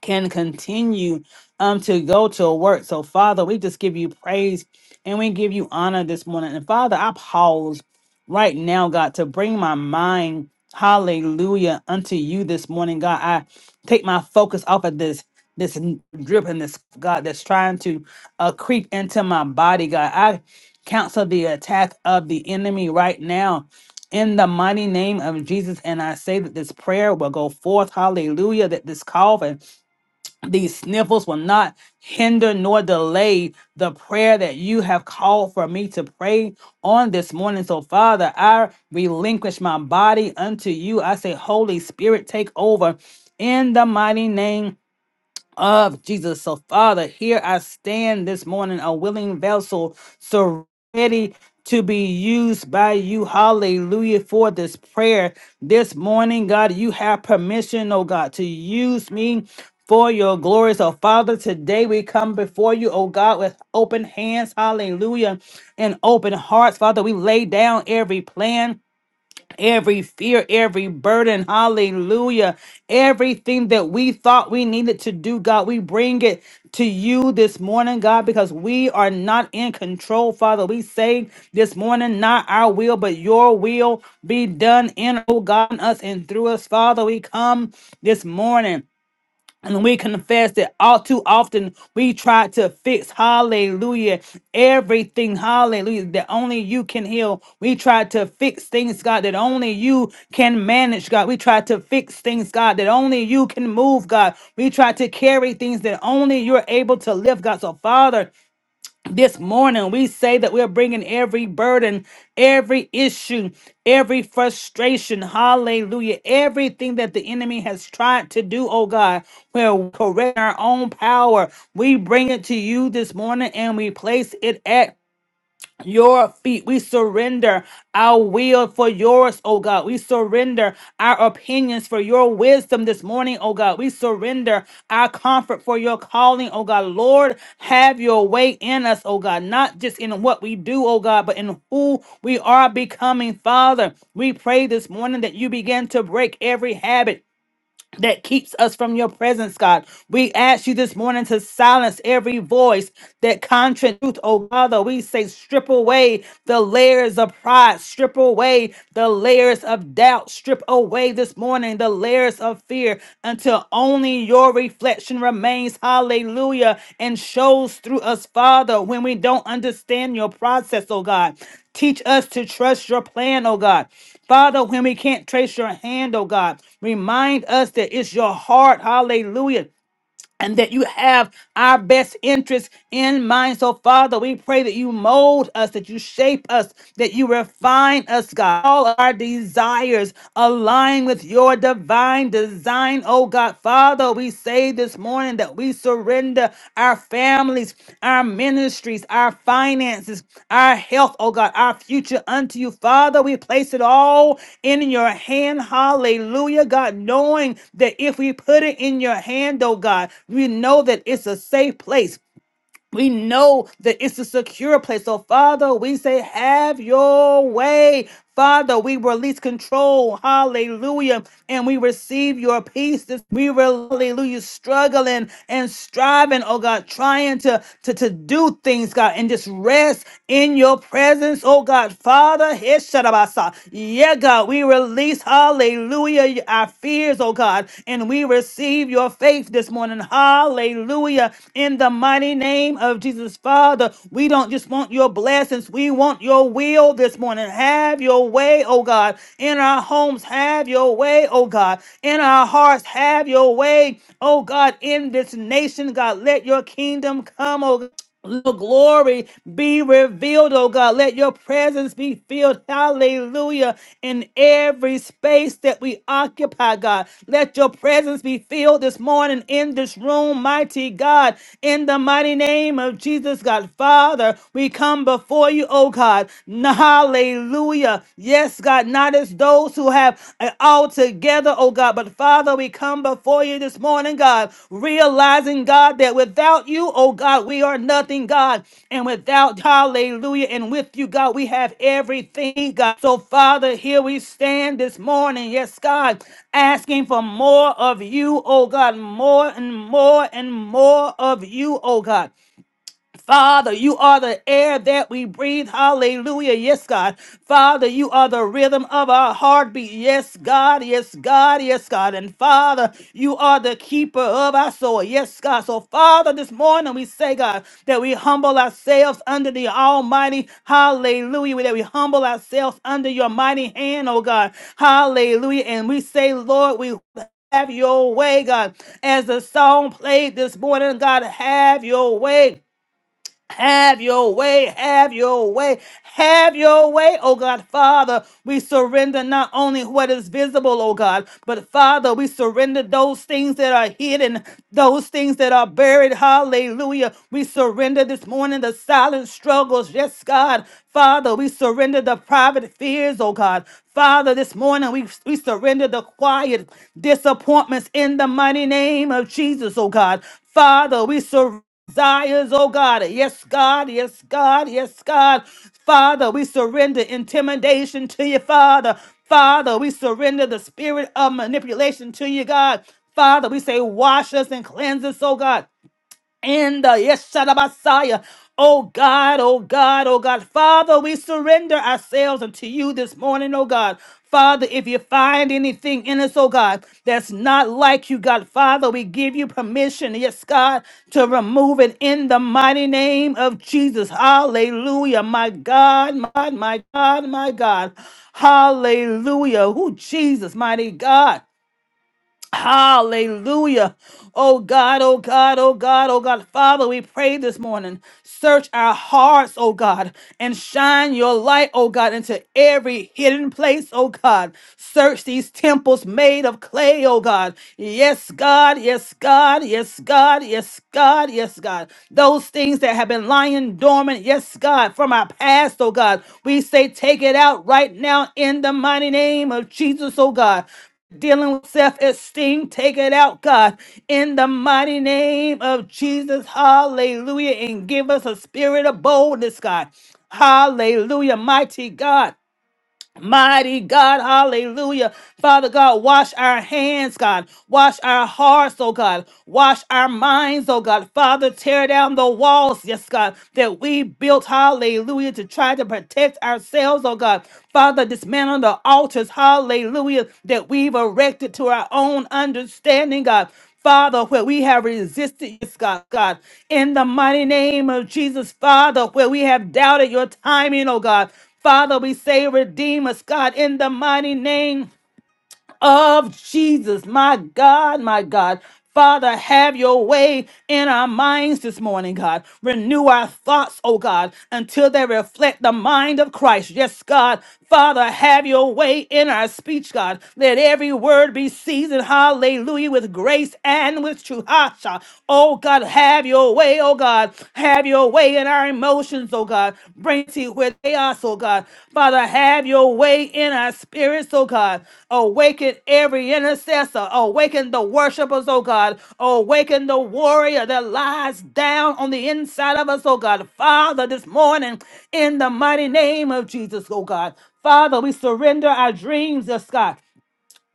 can continue um to go to work. So Father, we just give you praise and we give you honor this morning. And Father, I pause right now, God, to bring my mind, hallelujah, unto you this morning. God, I take my focus off of this this n- drip and this God that's trying to uh creep into my body, God. I counsel the attack of the enemy right now. In the mighty name of Jesus, and I say that this prayer will go forth. Hallelujah. That this call these sniffles will not hinder nor delay the prayer that you have called for me to pray on this morning. So, Father, I relinquish my body unto you. I say, Holy Spirit, take over in the mighty name of Jesus. So, Father, here I stand this morning, a willing vessel, so ready to be used by you. Hallelujah for this prayer this morning, God. You have permission, oh God, to use me. For your glory. So, Father, today we come before you, oh God, with open hands, hallelujah, and open hearts. Father, we lay down every plan every fear, every burden. Hallelujah. Everything that we thought we needed to do, God, we bring it to you this morning, God, because we are not in control, Father. We say this morning, not our will, but your will be done in, oh God, in us and through us, Father. We come this morning. And we confess that all too often we try to fix, hallelujah, everything, hallelujah, that only you can heal. We try to fix things, God, that only you can manage, God. We try to fix things, God, that only you can move, God. We try to carry things that only you're able to lift, God. So, Father, this morning, we say that we're bringing every burden, every issue, every frustration, hallelujah, everything that the enemy has tried to do, oh God, where we correct our own power. We bring it to you this morning and we place it at your feet. We surrender our will for yours, oh God. We surrender our opinions for your wisdom this morning, oh God. We surrender our comfort for your calling, oh God. Lord, have your way in us, oh God, not just in what we do, oh God, but in who we are becoming, Father. We pray this morning that you begin to break every habit that keeps us from your presence, God. We ask you this morning to silence every voice that contra truth, oh Father. We say, strip away the layers of pride, strip away the layers of doubt, strip away this morning the layers of fear until only your reflection remains. Hallelujah. And shows through us, Father, when we don't understand your process, oh God. Teach us to trust your plan, oh God. Father, when we can't trace your hand, oh God, remind us that it's your heart, hallelujah, and that you have our best interests in mind. So, Father, we pray that you mold us, that you shape us, that you refine us, God. All our desires align with your divine design, oh God. Father, we say this morning that we surrender surrender our families, our ministries, our finances, our health, oh God, our future unto you. Father, we place it all in your hand. Hallelujah, God, knowing that if we put it in your hand, oh God, we know that it's a safe place. We know that it's a secure place. So, Father, we say, have your way. Father, we release control. Hallelujah. And we receive your peace. This- We were, hallelujah, struggling and striving, oh God, trying to, to, to do things, God, and just rest in your presence, oh God. Father, Hesharabasa. yeah, God, we release, hallelujah, our fears, oh God, and we receive your faith this morning. Hallelujah. In the mighty name name of Jesus, Father, we don't just want your blessings. We want your will this morning. Have your way, oh God. In our homes, have your way, oh God. In our hearts, have your way, oh God. In this nation, God, let your kingdom come, oh God. Your glory be revealed, oh God. Let your presence be filled, hallelujah, in every space that we occupy, God. Let your presence be filled this morning in this room, mighty God, in the mighty name of Jesus, God. Father, we come before you, oh God. Hallelujah. Yes, God, not as those who have have uh, all together, oh God. But Father, we come before you this morning, God, realizing, God, that without you, oh God, we are nothing, God. And without, hallelujah, and with you, God, we have everything, God. So, Father, here we stand this morning, yes, God, asking for more of you, oh God, more and more and more of you, oh God. Father, you are the air that we breathe. Hallelujah. Yes, God. Father, you are the rhythm of our heartbeat. Yes, God. Yes, God. Yes, God. And Father, you are the keeper of our soul. Yes, God. So, Father, this morning we say, God, that we humble ourselves under the Almighty. Hallelujah. That we humble ourselves under your mighty hand, oh God. Hallelujah. And we say, Lord, we have your way, God. As the song played this morning, God, have your way. Have your way, have your way, have your way, oh God. Father, we surrender not only what is visible, oh God, but Father, we surrender those things that are hidden, those things that are buried. Hallelujah. We surrender this morning the silent struggles. Yes, God. Father, we surrender the private fears, oh God. Father, this morning we, we surrender the quiet disappointments in the mighty name of Jesus, oh God. Father, we surrender desires, oh God. Yes, God. Yes, God. Yes, God. Father, we surrender intimidation to you, Father. Father, we surrender the spirit of manipulation to you, God. Father, we say, wash us and cleanse us, oh God in the yes, Messiah. Oh God, oh God, oh God. Father, we surrender ourselves unto you this morning, oh God. Father, if you find anything in us, oh God, that's not like you, God, Father, we give you permission, yes, God, to remove it in the mighty name of Jesus. Hallelujah, my God, my, my God, my God. Hallelujah. Who Jesus, mighty God. Hallelujah. Oh God, oh God, oh God, oh God. Father, we pray this morning. Search our hearts, oh God, and shine your light, oh God, into every hidden place, oh God. Search these temples made of clay, oh God. Yes, God, yes, God, yes, God, yes, God, yes, God. Those things that have been lying dormant, yes, God, from our past, oh God. We say, take it out right now in the mighty name of Jesus, oh God dealing with self esteem. Take it out, God, in the mighty name of Jesus. Hallelujah. And give us a spirit of boldness, God. Hallelujah, mighty God. Mighty God, hallelujah. Father God, wash our hands, God. Wash our hearts, oh God. Wash our minds, oh God. Father, tear down the walls, yes, God, that we built, hallelujah, to try to protect ourselves, oh God. Father, dismantle the altars, hallelujah, that we've erected to our own understanding, God. Father, where we have resisted, yes, God, God, in the mighty name of Jesus, Father, where we have doubted your timing, oh God. Father, we say, redeem us, God, in the mighty name of Jesus. My God, my God. Father, have your way in our minds this morning, God. Renew our thoughts, oh God, until they reflect the mind of Christ. Yes, God. Father, have your way in our speech, God. Let every word be seasoned, hallelujah, with grace and with truth. Hasha. Oh God, have your way, oh God. Have your your way in our emotions, oh God. Bring to where they are, oh God. Father, have your way in our spirits, oh God. Awaken every intercessor. Awaken the worshipers, oh God. Awaken the warrior that lies down on the inside of us, oh God. Father, this morning, in the mighty name of Jesus, oh God. Father, we surrender our dreams, oh God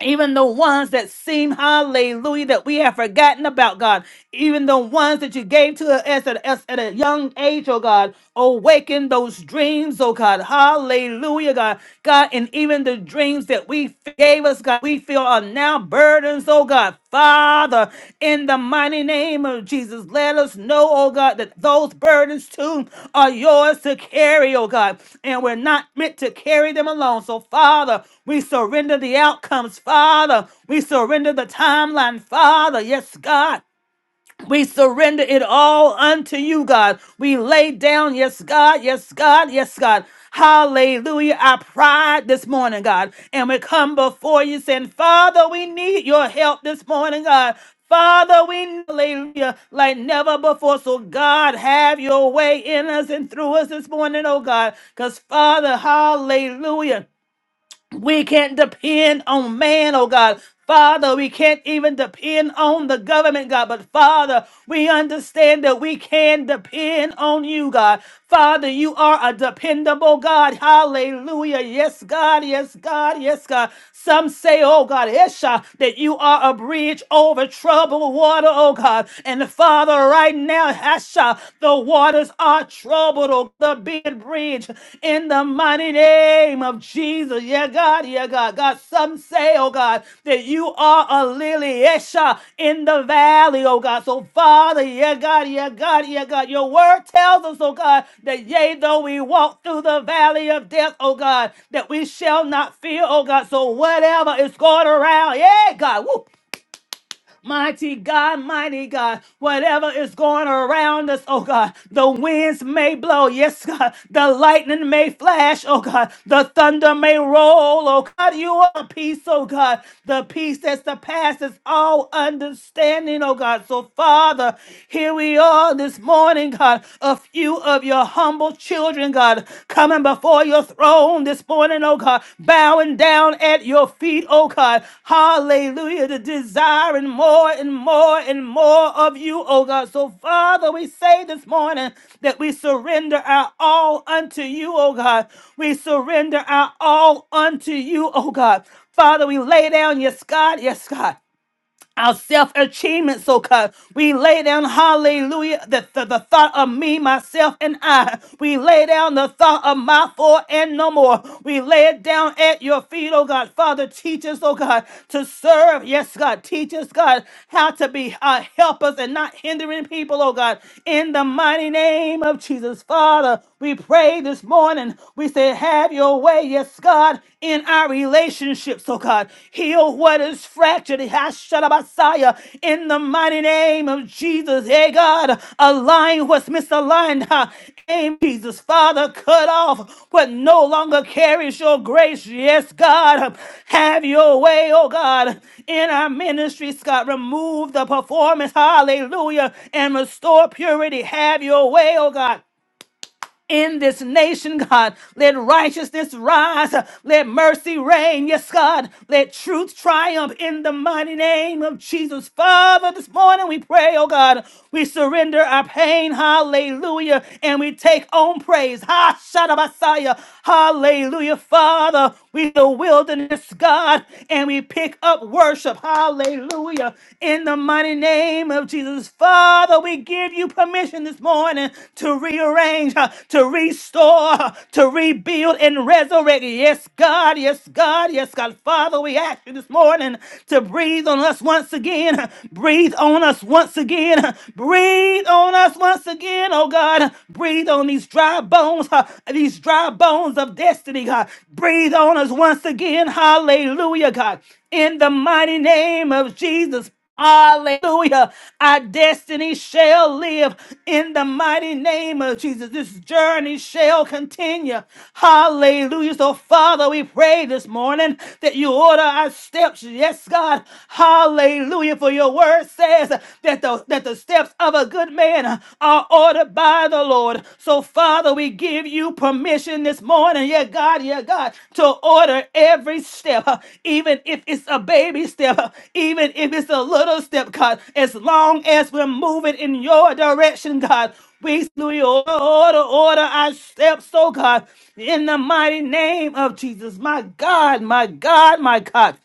even the ones that seem hallelujah that we have forgotten about god even the ones that you gave to us at, us at a young age oh god awaken those dreams oh god hallelujah god god and even the dreams that we gave us god we feel are now burdens oh god father in the mighty name of jesus let us know oh god that those burdens too are yours to carry oh god and we're not meant to carry them alone so father we surrender the outcomes, Father. We surrender the timeline, Father. Yes, God. We surrender it all unto you, God. We lay down, yes, God, yes, God, yes, God. Hallelujah. Our pride this morning, God. And we come before you saying, Father, we need your help this morning, God. Father, we need hallelujah like never before. So, God, have your way in us and through us this morning, oh God. Because, Father, hallelujah. We can't depend on man, oh God. Father, we can't even depend on the government, God. But Father, we understand that we can depend on you, God. Father, you are a dependable God. Hallelujah. Yes, God. Yes, God. Yes, God. Some say, oh God, Esha, that you are a bridge over troubled water, oh God. And Father, right now, Esha, the water waters are troubled, oh God, be a bridge in the mighty name of Jesus. Yeah, God, yeah, God. God, some say, oh God, that you are a lily Esha in the valley, oh God. So, Father, yeah, God, yeah, God, yeah, God. Your word tells us, oh God, that yea, though we walk through the valley of death, oh God, that we shall not fear, oh God. So, whatever is going around, yeah, God, woo, Mighty God, mighty God, whatever is going around us, oh God, the winds may blow, yes, God, the lightning may flash, oh God, the thunder may roll, oh God, you are peace, oh God, the peace that surpasses all understanding, oh God. So, Father, here we are this morning, God, a few of your humble children, God. God, coming before your throne this morning, oh God, bowing down at your feet, oh God. Hallelujah. To desiring more and more and more of you, oh God. So, Father, we say this morning that we surrender our all unto you, oh God. We surrender our all unto you, oh God. Father, we lay down, yes, God, yes, God our self achievement, so God. We lay down, hallelujah, the, the, the thought of me, myself, and I. We lay down the thought of my four and no more. We lay it down at your feet, oh God. Father, teach us, oh God, to serve. Yes, God. Teach us, God, how to be uh, helpers and not hindering people, oh God. In the mighty name of Jesus, Father, we pray this morning. We say, Have your way, yes, God. God, in our relationships, oh God. Heal what is fractured. Hashanah In the mighty name of Jesus, hey God, align what's misaligned. huh? Aim, Jesus, Father, cut off what no longer carries your grace. Yes, God, have your way, oh God, in our ministries, God. Remove the performance, hallelujah, and restore purity. Have your way, oh God in this nation, God. Let righteousness rise. Let mercy reign. Yes, God. Let truth triumph in the mighty name of Jesus. Father, this morning we pray, oh God, we surrender our pain. Hallelujah. And we take on praise. Ha, Shadabasaya. Hallelujah. Father, we the wilderness, God, and we pick up worship. Hallelujah. In in the mighty name of Jesus, Father, we give you permission this morning to rearrange, uh, to restore, uh, to rebuild and resurrect. Yes, God, yes, God, yes, God. Father, we ask you this morning to breathe on us once again. uh, Breathe on us once again. uh, Breathe on us once again, oh God. Breathe on these dry bones, uh, these dry bones of destiny, God. Breathe on us once again. Hallelujah, God. In the mighty name of Jesus, Hallelujah. Our destiny shall live in the mighty name of Jesus. This journey shall continue. Hallelujah. So, Father, we pray this morning that you order our steps. Yes, God. Hallelujah. For your word says that the, that the steps of a good man are ordered by the Lord. So, Father, Father, we give you permission this morning, yeah, God, yeah, God, to order every step, huh, even if it's a baby step, huh, even if it's a little step, God, as long as we're moving in your direction, God. We do your order, order our steps, oh God, in the mighty name of Jesus. My God, my God, my God.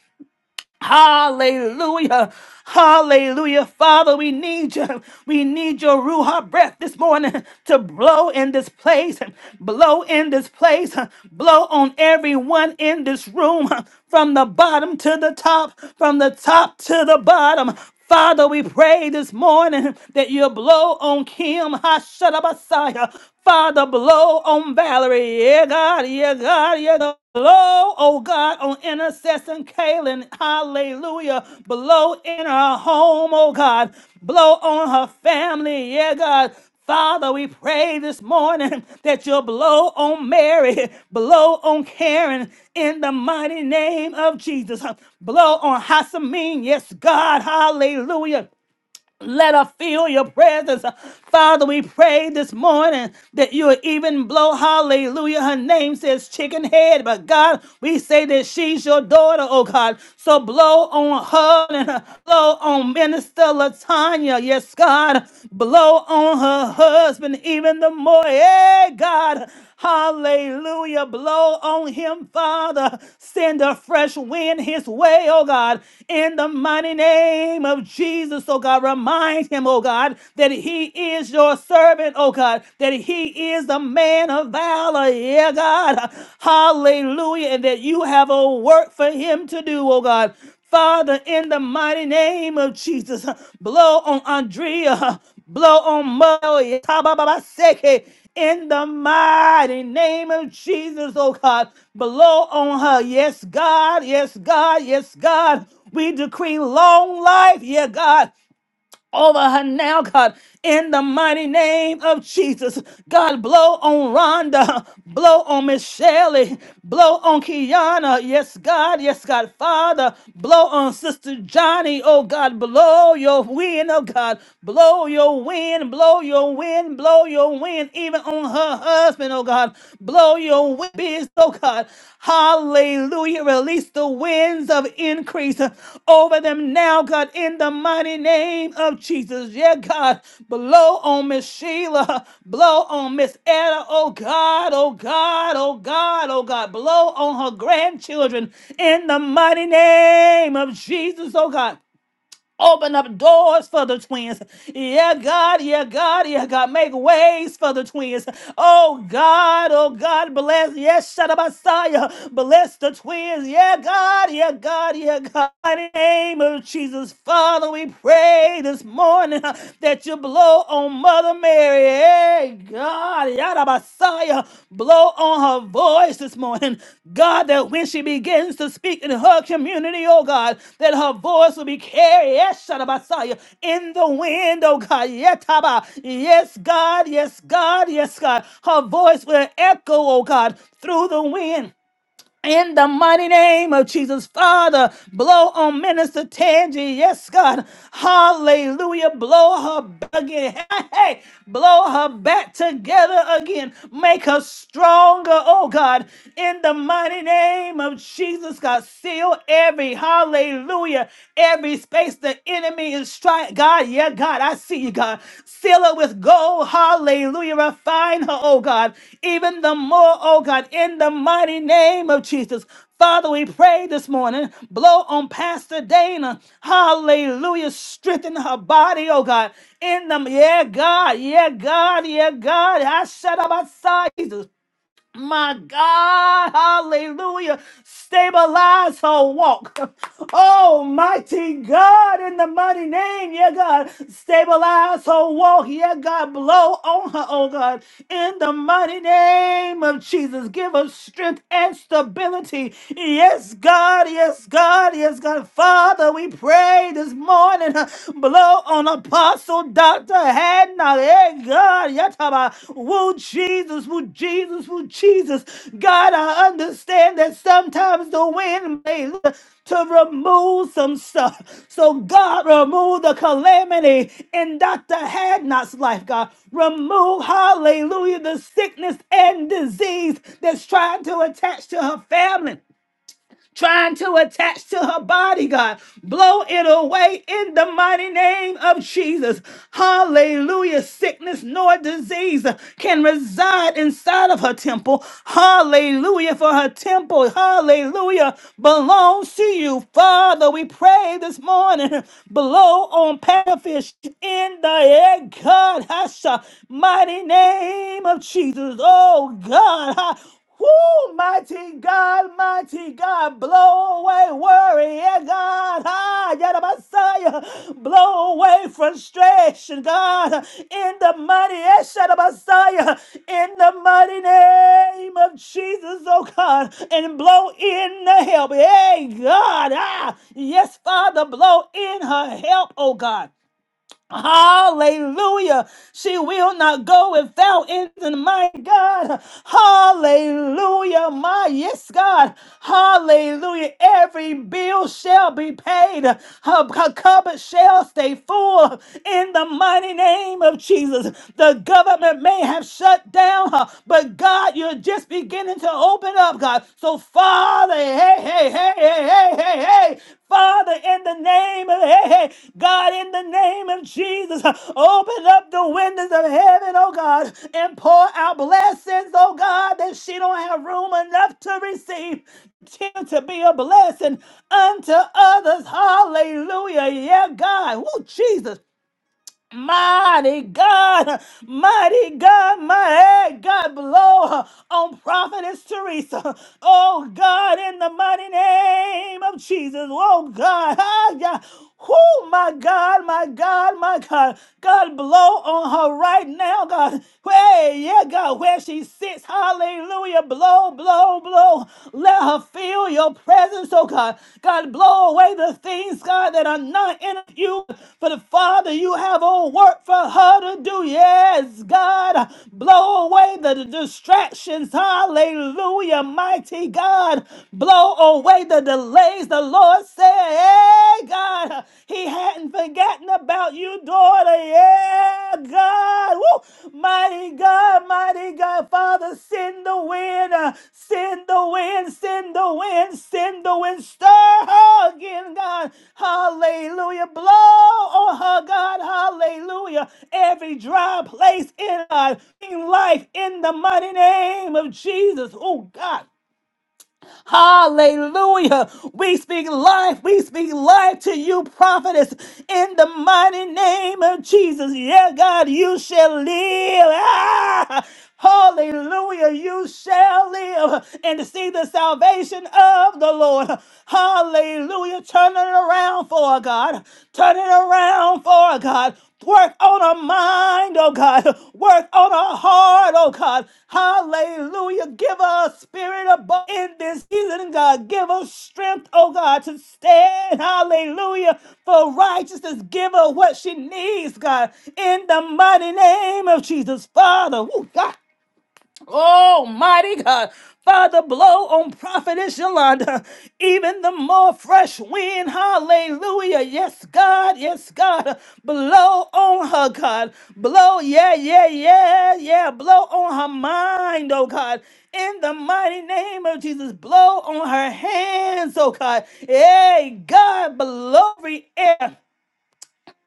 Hallelujah. Hallelujah. Father, we need you. We need your Ruha breath this morning to blow in this place, blow in this place, blow on everyone in this room from the bottom to the top, from the top to the bottom. Father, we pray this morning that you blow on Kim Hashanah Messiah. Father, blow on Valerie. Yeah, God, yeah, God, yeah, God. Blow, oh God, on intercessor Kaylin. Hallelujah. Blow in her home, oh God. Blow on her family. Yeah, God. Father, we pray this morning that you'll blow on Mary, blow on Karen in the mighty name of Jesus. Blow on Hassamin. Yes, God. Hallelujah. Let her feel your presence. Father, we pray this morning that you will even blow hallelujah. Her name says chicken head, but God, we say that she's your daughter, oh God. So blow on her and uh, blow on Minister Latanya. Yes, God. Blow on her husband even the more. Yeah, God. Hallelujah. Blow on him, Father. Send a fresh wind his way, oh God. In the mighty name of Jesus, oh God. Remind him, oh God, that he is your servant, oh God. That he is a man of valor, yeah, God. Hallelujah. And that you have a work for him to do, oh God. Father, in the mighty name of Jesus, blow on Andrea, blow on Moe, Tabababaseke, in the mighty name of Jesus, oh God, blow on her. Yes, God, yes, God, yes, God. We decree long life, yeah, God over her now, God, in the mighty name of Jesus. God, blow on Rhonda, blow on Miss Shelley, blow on Kiana. Yes, God, yes, God, Father, blow on Sister Johnny. Oh, God, blow your wind, oh, God, blow your wind, blow your wind, blow your wind, even on her husband, oh, God, blow your your wind biz, oh God. Hallelujah. Release the winds of increase uh, over them now, God, in the mighty name of Jesus. Yeah, God. Blow on Miss Sheila. Blow on Miss Etta. Oh God, oh God, oh God, oh God. Blow on her grandchildren in the mighty name of Jesus, oh God. Open up doors for the twins. Yeah, God, yeah, God, yeah, God. Make ways for the twins. Oh, God, oh, God, bless. Yes, shut up, Messiah. Bless the twins. Yeah, God, yeah, God, yeah, God. In the name of Jesus, Father, we pray this morning uh, that you blow on Mother Mary. Hey, God, Yada Messiah, blow on her voice this morning. God, that when she begins to speak in her community, oh God, that her voice will be carried, yes, Yada Messiah, in the wind, oh God. Yetaba. Yes, God, yes, God, yes, God. Her voice will echo, oh God, through the wind in the mighty name of Jesus, Father, blow on Minister Tangi. Yes, God. Hallelujah. Blow her back again. Hey, hey. blow her back together again. Make her stronger, oh God. In the mighty name of Jesus, God, seal every hallelujah, every space the enemy is trying. God, God, yeah, God, I see you, God. Seal her with gold. Hallelujah. Refine her, oh God, even the more, oh God, in the mighty name of Jesus. Father, we pray this morning. Blow on Pastor Dana. Hallelujah. Strengthen her body, oh God. In the yeah, God, yeah, God, yeah, God. I shut up outside. Jesus. My God, hallelujah. Stabilize her walk. Almighty God, in the mighty name, yeah, God. Stabilize her walk, yeah, God. Blow on her, oh God. In the mighty name of Jesus, give her strength and stability. Yes, God, yes, God, yes, God. Father, we pray this morning. Blow on on Apostle Dr. Hadnot. Hey, God, Yataba. Woo, Jesus, woo, Jesus, woo, Jesus. God, I understand that sometimes the wind may look to remove some stuff. So, God, remove the calamity in Dr. Hadnot's life, God. Remove, hallelujah, the sickness and disease that's trying to attach to her family trying to attach to her body, God. Blow it away in the mighty name of Jesus. Hallelujah. Sickness nor disease can reside inside of her temple. Hallelujah. For her temple, hallelujah, belongs to you. Father, we pray this morning. Blow on Panfish in the air, God. Hasha, mighty name of Jesus. Oh, God. Ha. Woo, mighty God, mighty God, blow away worry, yeah, God. Ah, yeah, the Messiah. Blow away frustration, God. In the mighty, yeah, the Messiah. In the mighty name of Jesus, oh God. And blow in the help. Hey, God. Ah, yes, Father, blow in her help, oh God. Hallelujah. She will not go without it. My God. Hallelujah. My yes, God. Hallelujah. Every bill shall be paid. Her, her cupboard shall stay full in the mighty name of Jesus. The government may have shut down her, but God, you're just beginning to open up, God. So, Father, hey, hey, hey, hey, hey, hey, hey. Father, in the name of hey, hey, God, in the name of Jesus, open up the windows of heaven, oh God, and pour out blessings, oh God, that she don't have room enough to receive. Continue to be a blessing unto others. Hallelujah. Yeah, God. Woo, Jesus. Mighty God, mighty God, mighty God, blow on Prophetess Teresa. Oh God, in the mighty name of Jesus. Oh God, ah, yeah. Oh my God, my God, my God. God, blow on her right now, God. Hey, yeah, God, where she sits. Hallelujah. Blow, blow, blow now. Let her feel your presence, oh God. God, blow away the things, God, that are not in you. For the Father, you have all work for her to do. Yes, God. Blow away the distractions. Hallelujah, mighty God. Blow away the delays. The Lord said, Hey, God, He hadn't forgotten about you daughter. Yeah, God. Woo. Mighty God, mighty God. Father, send the wind. uh, Send the wind, send the wind, send the wind. Stir her again, God. Hallelujah. Blow on her, God. Hallelujah. Every dry place in her, in life, in the mighty name of Jesus. Oh, God. Hallelujah. We speak life. We speak life to you, prophetess, in the mighty name of Jesus. Yeah, God, you shall live. Ah! Hallelujah. You shall live and to see the salvation of the Lord. Hallelujah. Turn it around for our God. Turn it around for our God. Work on our mind, oh God. Work on our heart, oh God. Hallelujah. Give us spirit above in this season, God. Give us strength, oh God, to stand. Hallelujah. For righteousness, give her what she needs, God. In the mighty name of Jesus, Father. Ooh, God. Oh, mighty God. Father, blow on Prophetess Yolanda even the more fresh wind. Hallelujah. Yes, God. Yes, God. Blow on her, God. Blow, yeah, yeah, yeah, yeah. Blow on her mind, oh God. In the mighty name of Jesus, blow on her hands, oh God. Hey, God, blow every air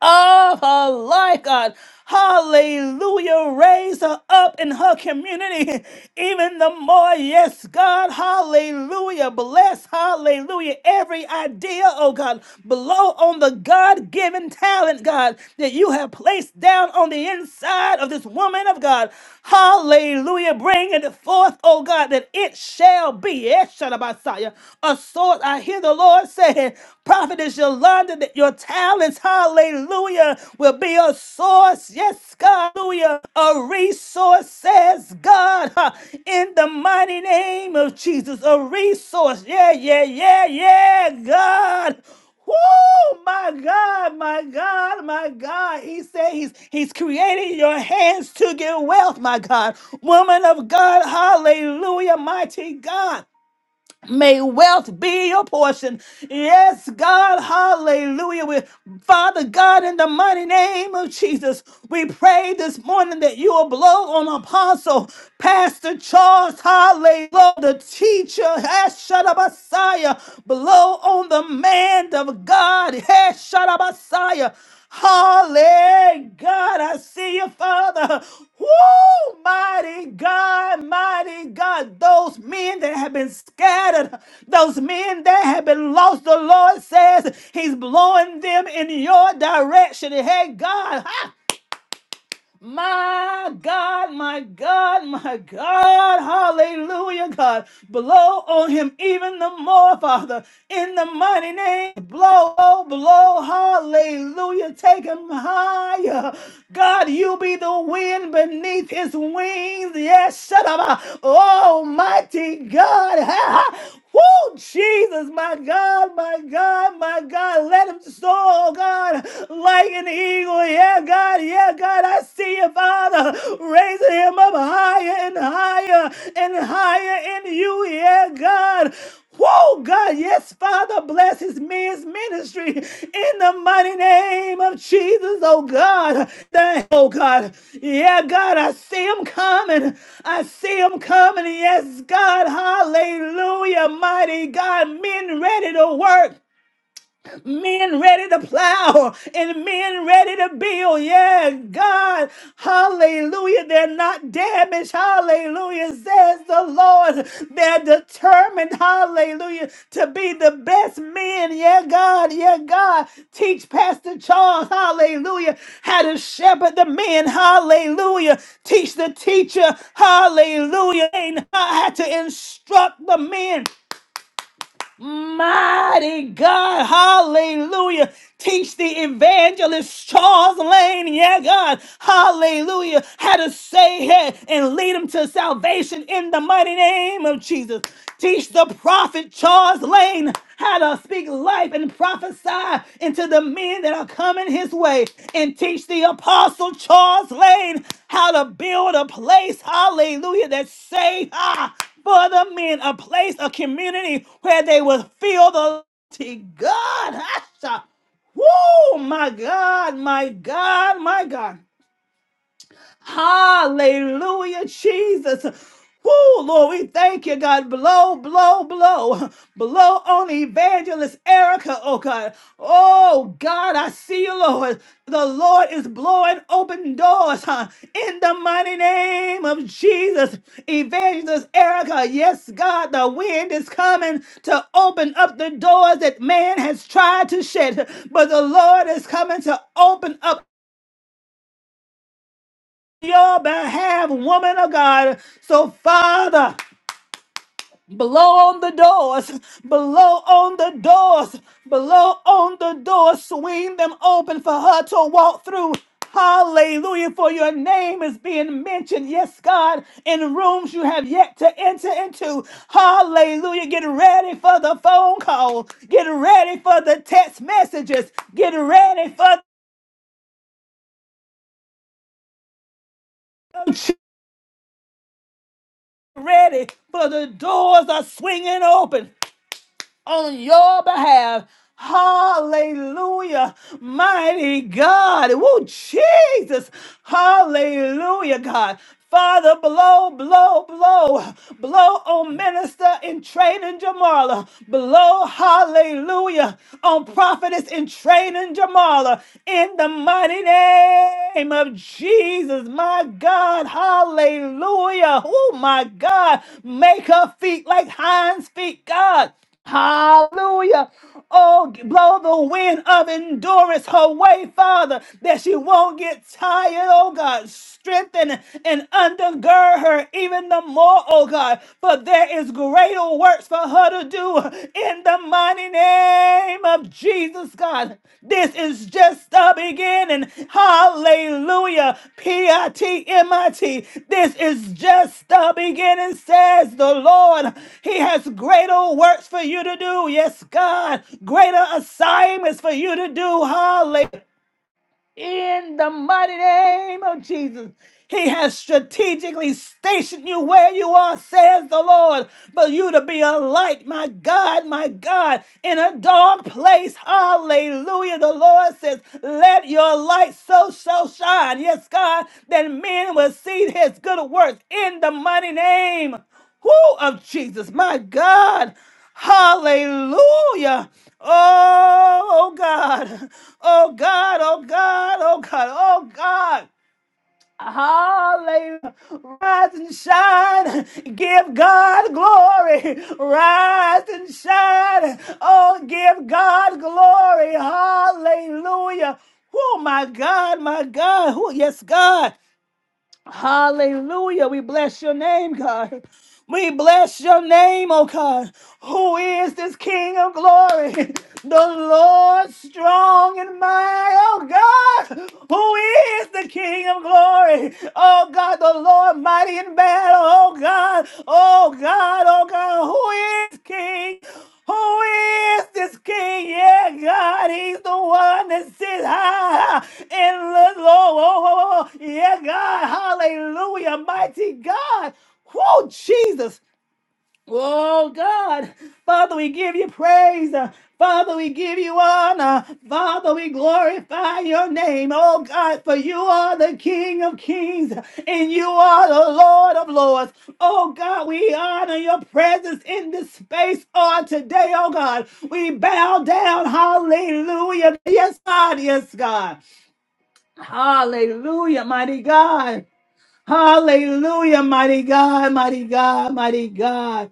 of her life, God. Hallelujah. Raise her up in her community even the more. Yes, God. Hallelujah. Bless, hallelujah, every idea, oh God. Blow on the God given talent, God, that you have placed down on the inside of this woman of God. Hallelujah. Bring it forth, oh God, that it shall be. Yes, Shadabasaya. A sword, I hear the Lord say hand. Prophetess Yolanda, that your talents, hallelujah, will be a source, yes, God, hallelujah, a resource, says God, ha, in the mighty name of Jesus, a resource, yeah, yeah, yeah, yeah, God. Woo, my God, my God, my God. He said he's, he's creating your hands to get wealth, my God. Woman of God, hallelujah, mighty God. May wealth be your portion. Yes, God, hallelujah. We, Father God, in the mighty name of Jesus, we pray this morning that you will blow on Apostle Pastor Charles, hallelujah, the teacher, Messiah, blow on the man of God, Messiah. Holy God, I see you, Father. Woo, mighty God, mighty God. Those men that have been scattered, those men that have been lost, the Lord says He's blowing them in your direction. Hey, God. My God, my God, my God. Hallelujah, God. Blow on him even the more, Father. In the mighty name, blow, blow, Hallelujah. Take him higher. God, you be the wind beneath his wings. Yes, shut up. Almighty God. Woo, Jesus, my God, my God, my God, let him soar, God, like an eagle. Yeah, God, yeah, God, I see you, Father, raising him up higher and higher and higher in you. Yeah, God. Whoa, God, yes, Father, bless his men's ministry in the mighty name of Jesus, oh God. Thank- Oh God, yeah, God, I see him coming. I see him coming. Yes, God, hallelujah, mighty God, men ready to work men ready to plow and men ready to build. Yeah, God, hallelujah. They're not damaged. Hallelujah, says the Lord. They're determined, hallelujah, to be the best men. Yeah, God, yeah, God. Teach Pastor Charles, hallelujah, how to shepherd the men. Hallelujah. Teach the teacher, hallelujah, how to instruct the men. Mighty God, hallelujah. Teach the evangelist Charles Lane, yeah, God, hallelujah, how to say it and lead him to salvation in the mighty name of Jesus. Teach the prophet Charles Lane how to speak life and prophesy into the men that are coming his way. And teach the apostle Charles Lane how to build a place, hallelujah, that's safe. ah, for the men, a place, a community where they will feel the to God. Hasha. Woo, my God, my God, my God. Hallelujah, Jesus. Oh, Lord, we thank you, God. Blow, blow, blow. Blow on evangelist Erica, oh God. Oh, God, I see you, Lord. The Lord is blowing open doors huh? in the mighty name of Jesus. Evangelist Erica, yes, God, the wind is coming to open up the doors that man has tried to shut, but the Lord is coming to open up your behalf, woman of God. So, Father, blow on the doors, blow on the doors, blow on the doors, swing them open for her to walk through. Hallelujah, for your name is being mentioned, yes, God, in rooms you have yet to enter into. Hallelujah. Get ready for the phone call, get ready for the text messages, get ready for the ready for the doors are swinging open on your behalf. Hallelujah, mighty God. Woo, Jesus. Hallelujah, God. Father, blow, blow, blow. Blow on minister in training Jamala. Blow, hallelujah, on prophetess in training Jamala. In the mighty name of Jesus, my God. Hallelujah. Oh, my God. Make her feet like hinds feet, God. Hallelujah. Oh, blow the wind of endurance her way, Father, that she won't get tired, oh God. Strengthen and undergird her even the more, oh God, for there is greater works for her to do in the mighty name of of Jesus, God. This is just the beginning. Hallelujah. P I T M I T. This is just the beginning, says the Lord. He has greater works for you to do. Yes, God. Greater assignments for you to do. Hallelujah in the mighty name of Jesus. He has strategically stationed you where you are, says the Lord, for you to be a light, my God, my God, in a dark place. Hallelujah. The Lord says, Let your light so, so shine. Yes, God, that men will see his good works in the mighty name. Who of Jesus, my God. Hallelujah. Oh God. Oh God. Oh God. Oh God. Oh God. Hallelujah. Rise and shine. Give God glory. Rise and shine. Oh, give God glory. Hallelujah. Oh my God, my God. Who yes, God. Hallelujah. We bless your name, God. We bless your name, oh God. Who is this King of glory? The Lord strong and mighty, oh God. Who is the King of glory? Oh God, the Lord mighty in battle, oh God. Oh God, oh God, who is King? Who is this king? Yeah, God, he's the one that sits high and looks low. Oh, oh, oh. Yeah, God, hallelujah, mighty God. Whoa, Jesus. Oh God, Father, we give you praise. Uh, Father, we give you honor. Father, we glorify your name. Oh God, for you are the King of kings and you are the Lord of lords. Oh God, we honor your presence in this space on today. Oh God, we bow down. Hallelujah. Yes, God. Yes, God. Hallelujah, mighty God. Hallelujah, mighty God, mighty God, mighty God.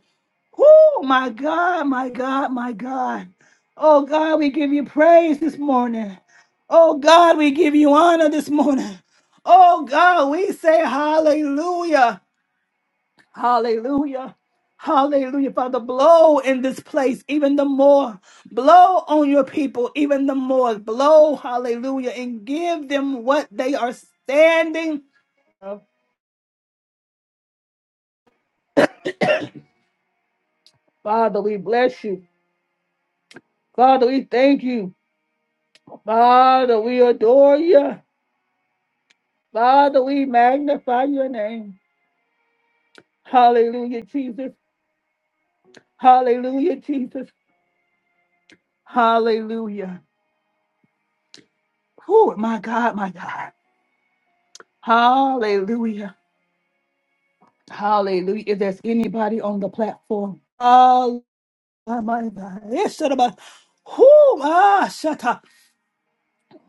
Oh, my God, my God, my God. Oh, God, we give you praise this morning. Oh, God, we give you honor this morning. Oh, God, we say hallelujah, hallelujah. Hallelujah, Father. Blow in this place even the more. Blow on your people even the more. Blow, hallelujah, and give them what they are standing. for. Father, we bless you. Father, we thank you. Father, we adore you. Father, we magnify your name. Hallelujah, Jesus. Hallelujah, Jesus. Hallelujah. Oh, my God, my God. Hallelujah. Hallelujah. If there's anybody on the platform, oh, my God. Yes, shut up. Oh, my, shut up.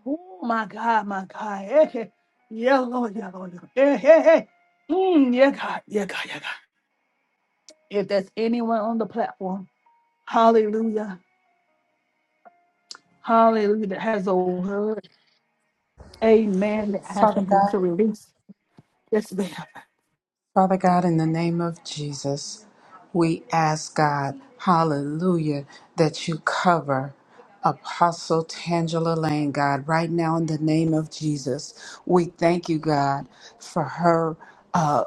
Oh, my God, my God. Eh, eh. Yeah, Lord, yeah, Lord. Yeah, hey, hey. Mm, yeah, God, yeah, God, yeah, God. If there's anyone on the platform, hallelujah. Hallelujah. That has a word. Amen. That I have Father something God, to release. Yes, ma'am. Father God, in the name of Jesus, we ask God, hallelujah, that you cover Apostle Tangela Lane, God, right now in the name of Jesus. We thank you, God, for her uh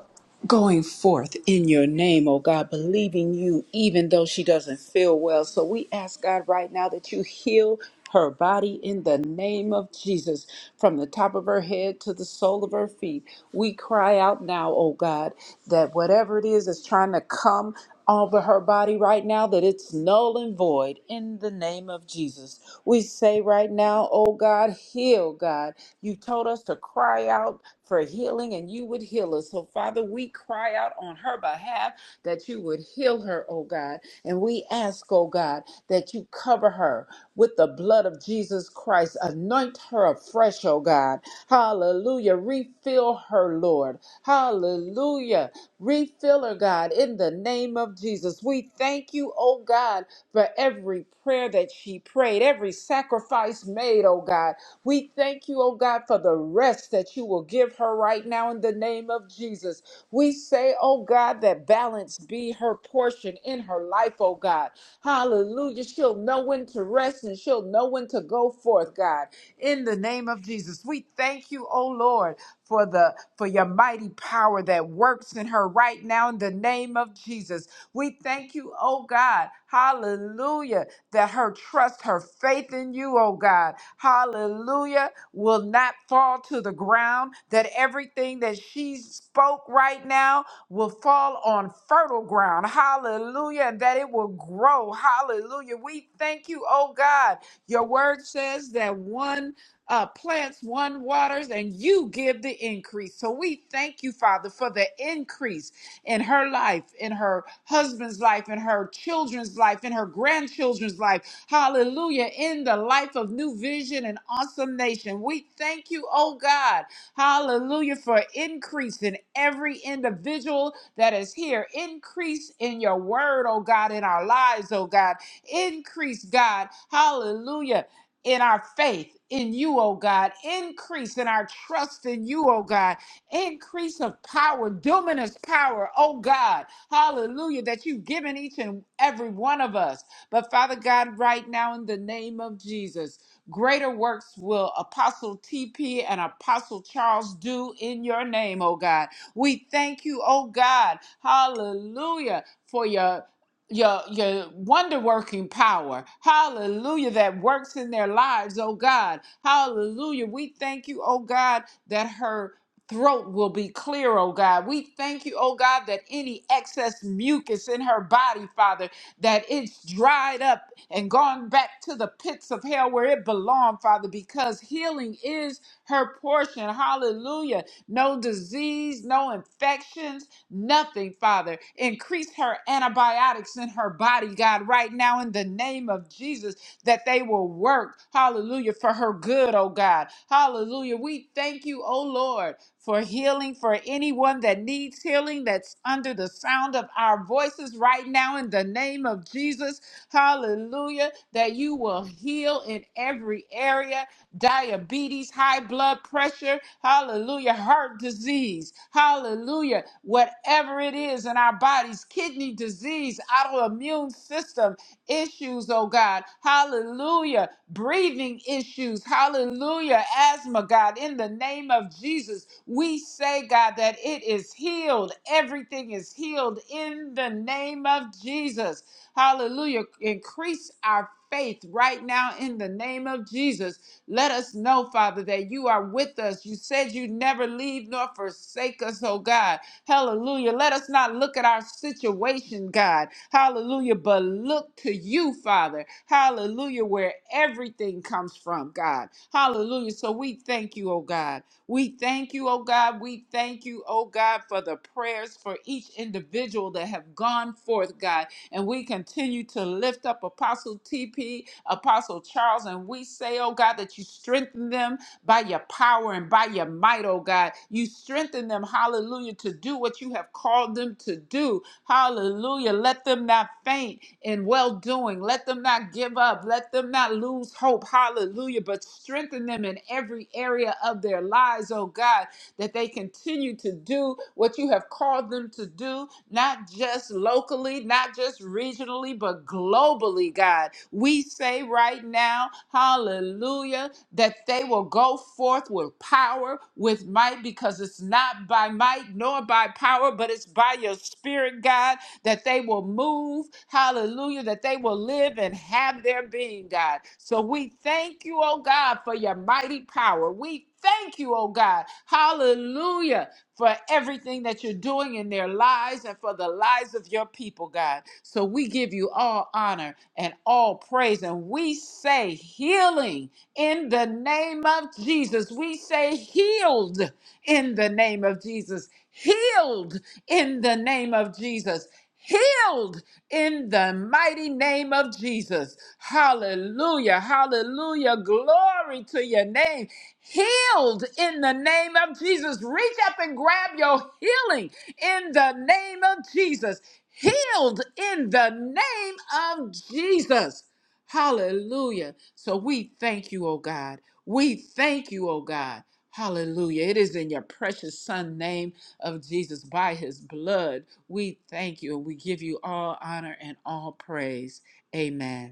going forth in your name, oh God, believing you, even though she doesn't feel well. So we ask God right now that you heal her body in the name of Jesus, from the top of her head to the sole of her feet. We cry out now, oh God, that whatever it is that's trying to come over her body right now, that it's null and void in the name of Jesus. We say right now, oh God, heal, God. You told us to cry out for healing and you would heal us. So, Father, we cry out on her behalf that you would heal her, oh God. And we ask, oh God, that you cover her with the blood of Jesus Christ. Anoint her afresh, oh God. Hallelujah. Refill her, Lord. Hallelujah. Refill her, God, in the name of Jesus. We thank you, oh God, for every prayer that she prayed, every sacrifice made, oh God. We thank you, oh God, for the rest that you will give her right now in the name of Jesus. We say, oh God, that balance be her portion in her life, oh God. Hallelujah. She'll know when to rest and she'll know when to go forth, God. In the name of Jesus, we thank you, oh Lord, for the for your mighty power that works in her right now in the name of Jesus. We thank you, oh God. Hallelujah. That her trust, her faith in you, oh God. Hallelujah. Will not fall to the ground. That everything that she spoke right now will fall on fertile ground. Hallelujah. And that it will grow. Hallelujah. We thank you, oh God. Your word says that one uh, plants, one waters, and you give the increase. So we thank you, Father, for the increase in her life, in her husband's life, in her children's life, in her grandchildren's life. Hallelujah. In the life of New Vision and Awesome Nation. We thank you, oh God. Hallelujah for increase in every individual that is here. Increase in your word, oh God, in our lives, oh God. Increase, God. Hallelujah in our faith in you, oh God. Increase in our trust in you, oh God. Increase of power, dominus power, oh God. Hallelujah, that you've given each and every one of us. But Father God, right now, in the name of Jesus. Greater works will Apostle TP and Apostle Charles do in your name, oh God. We thank you, oh God. Hallelujah for your your your wonder working power hallelujah that works in their lives oh god hallelujah we thank you oh god that her throat will be clear oh god we thank you oh god that any excess mucus in her body father that it's dried up and gone back to the pits of hell where it belonged, Father, because healing is her portion. Hallelujah. No disease, no infections, nothing, Father. Increase her antibiotics in her body, God, right now in the name of Jesus, that they will work, hallelujah, for her good, oh God. Hallelujah. We thank you, oh Lord for healing for anyone that needs healing that's under the sound of our voices right now in the name of Jesus. Hallelujah. That you will heal in every area diabetes, high blood pressure, hallelujah, heart disease, hallelujah, whatever it is in our bodies, kidney disease, autoimmune system issues, oh God. Hallelujah. Breathing issues. Hallelujah. Asthma, God. In the name of Jesus, we say, God, that it is healed. Everything is healed in the name of Jesus. Hallelujah. Increase our faith right now in the name of Jesus. Let us know, Father, that you are with us. You said you never leave nor forsake us, oh God. Hallelujah. Let us not look at our situation, God. Hallelujah. But look to you, Father. Hallelujah. Where everything comes from, God. Hallelujah. So we thank you, oh God. We thank you, oh God. We thank you, oh God, for the prayers for each individual that have gone forth, God. And we continue to lift up Apostle TP, Apostle Charles, and we say, oh God, that you strengthen them by your power and by your might, oh God. You strengthen them, hallelujah, to do what you have called them to do. Hallelujah. Let them not faint in well doing. Let them not give up. Let them not lose hope. Hallelujah. But strengthen them in every area of their lives, oh God, that they continue to do what you have called them to do, not just locally, not just regionally, but globally, God. We say right now, hallelujah that they will go forth with power, with might, because it's not by might nor by power, but it's by your spirit, God, that they will move, hallelujah, that they will live and have their being, God. So we thank you, oh God, for your mighty power. We thank you, oh God, hallelujah, for everything that you're doing in their lives and for the lives of your people, God. So we give you all honor and all praise, and we say healing in the name of Jesus. We say healed in the name of Jesus. Healed in the name of Jesus. Healed in the mighty name of Jesus. Hallelujah. Hallelujah. Glory to your name. Healed in the name of Jesus. Reach up and grab your healing in the name of Jesus. Healed in the name of Jesus. Hallelujah. So we thank you, oh God. We thank you, oh God. Hallelujah. It is in your precious son name of Jesus by his blood. We thank you and we give you all honor and all praise. Amen.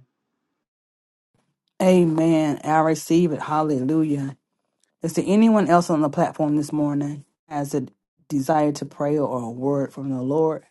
Amen. I receive it. Hallelujah. Is there anyone else on the platform this morning has a desire to pray or a word from the Lord?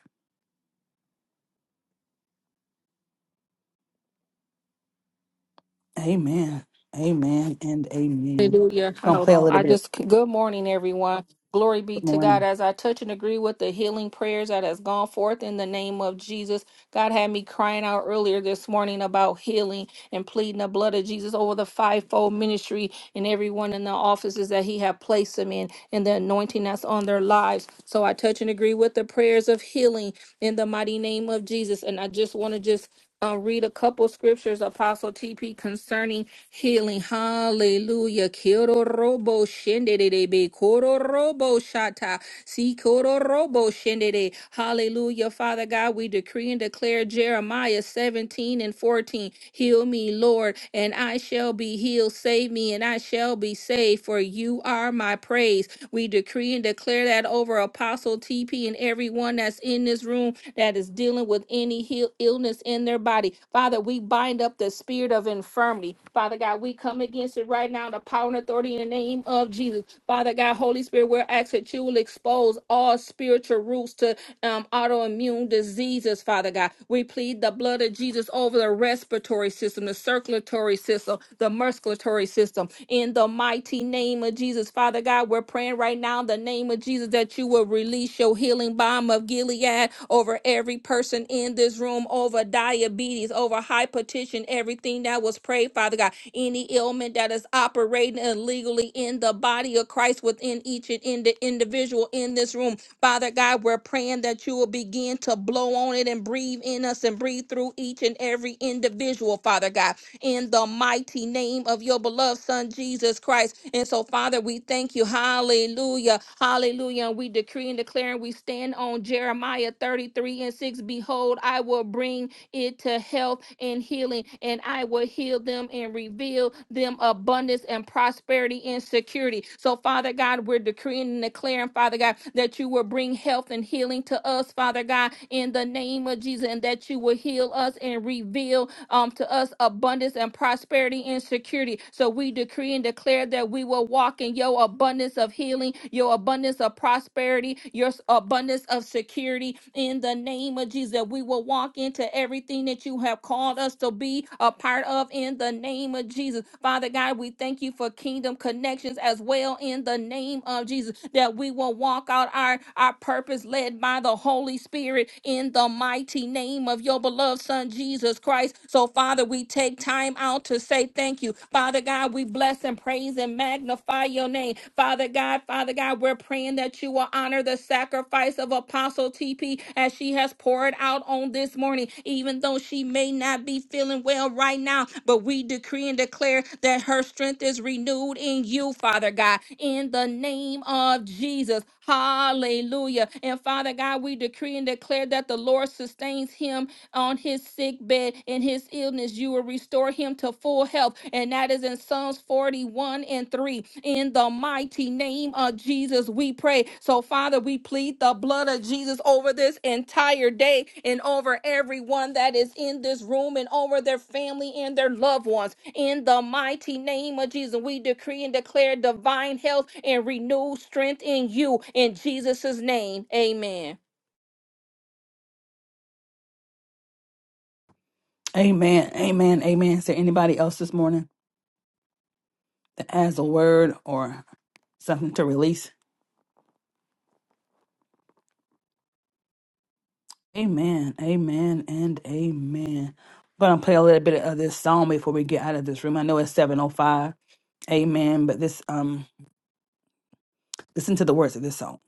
Amen. Amen and amen. Hallelujah. gonna Hold play a on. little I bit of just, good morning, everyone. Glory be Good to God. morning. As I touch and agree with the healing prayers that has gone forth in the name of Jesus, God had me crying out earlier this morning about healing and pleading the blood of Jesus over the fivefold ministry and everyone in the offices that He had placed them in and the anointing that's on their lives. So I touch and agree with the prayers of healing in the mighty name of Jesus. And I just want to just uh, read a couple scriptures, Apostle TP, concerning Healing, hallelujah. Kyororobo shenderebe kororobo shata. Sikororobo shendere. Hallelujah. Father God, we decree and declare Jeremiah 17 and 14. Heal me, Lord, and I shall be healed. Save me, and I shall be saved, for you are my praise. We decree and declare that over Apostle TP and everyone that's in this room that is dealing with any heal- illness in their body. Father, we bind up the spirit of infirmity. Father God, we come against it right now, the power and authority in the name of Jesus. Father God, Holy Spirit, we're asking that you will expose all spiritual roots to um, autoimmune diseases, Father God. We plead the blood of Jesus over the respiratory system, the circulatory system, the musculatory system. In the mighty name of Jesus, Father God, we're praying right now in the name of Jesus that you will release your healing balm of Gilead over every person in this room, over diabetes, over hypertension, everything that was prayed, Father God any ailment that is operating illegally in the body of Christ within each and in the individual in this room. Father God, we're praying that you will begin to blow on it and breathe in us and breathe through each and every individual, Father God, in the mighty name of your beloved Son, Jesus Christ. And so, Father, we thank you. Hallelujah. Hallelujah. And we decree and declare and we stand on Jeremiah 33 and 6. Behold, I will bring into health and healing, and I will heal them and reveal them abundance and prosperity and security. So, Father God, we're decreeing and declaring, Father God, that you will bring health and healing to us, Father God, in the name of Jesus, and that you will heal us and reveal um, to us abundance and prosperity and security. So we decree and declare that we will walk in your abundance of healing, your abundance of prosperity, your s- abundance of security in the name of Jesus. That we will walk into everything that you have called us to be a part of in the name of Jesus. Father God, we thank you for kingdom connections as well in the name of Jesus. That we will walk out our, our purpose led by the Holy Spirit in the mighty name of your beloved beloved Son, Jesus Christ. So, Father, we take time out to say thank you. Father God, we bless and praise and magnify your name. Father God, Father God, we're praying that you will honor the sacrifice of Apostle TP as she has poured out on this morning, even though she may not be feeling well right now. But we decree and declare that her strength is renewed in you, Father God, in the name of Jesus. Hallelujah. And Father God, we decree and declare that the Lord sustains him on his sick bed in his illness you will restore him to full health and that is in psalms 41 and 3 in the mighty name of jesus we pray so father we plead the blood of jesus over this entire day and over everyone that is in this room and over their family and their loved ones in the mighty name of jesus we decree and declare divine health and renewed strength in you in jesus' name amen Amen. Amen. Amen. Is there anybody else this morning that has a word or something to release? Amen, amen, and amen. I'm gonna play a little bit of this song before we get out of this room. I know it's 7:05. Amen. But this, um, listen to the words of this song.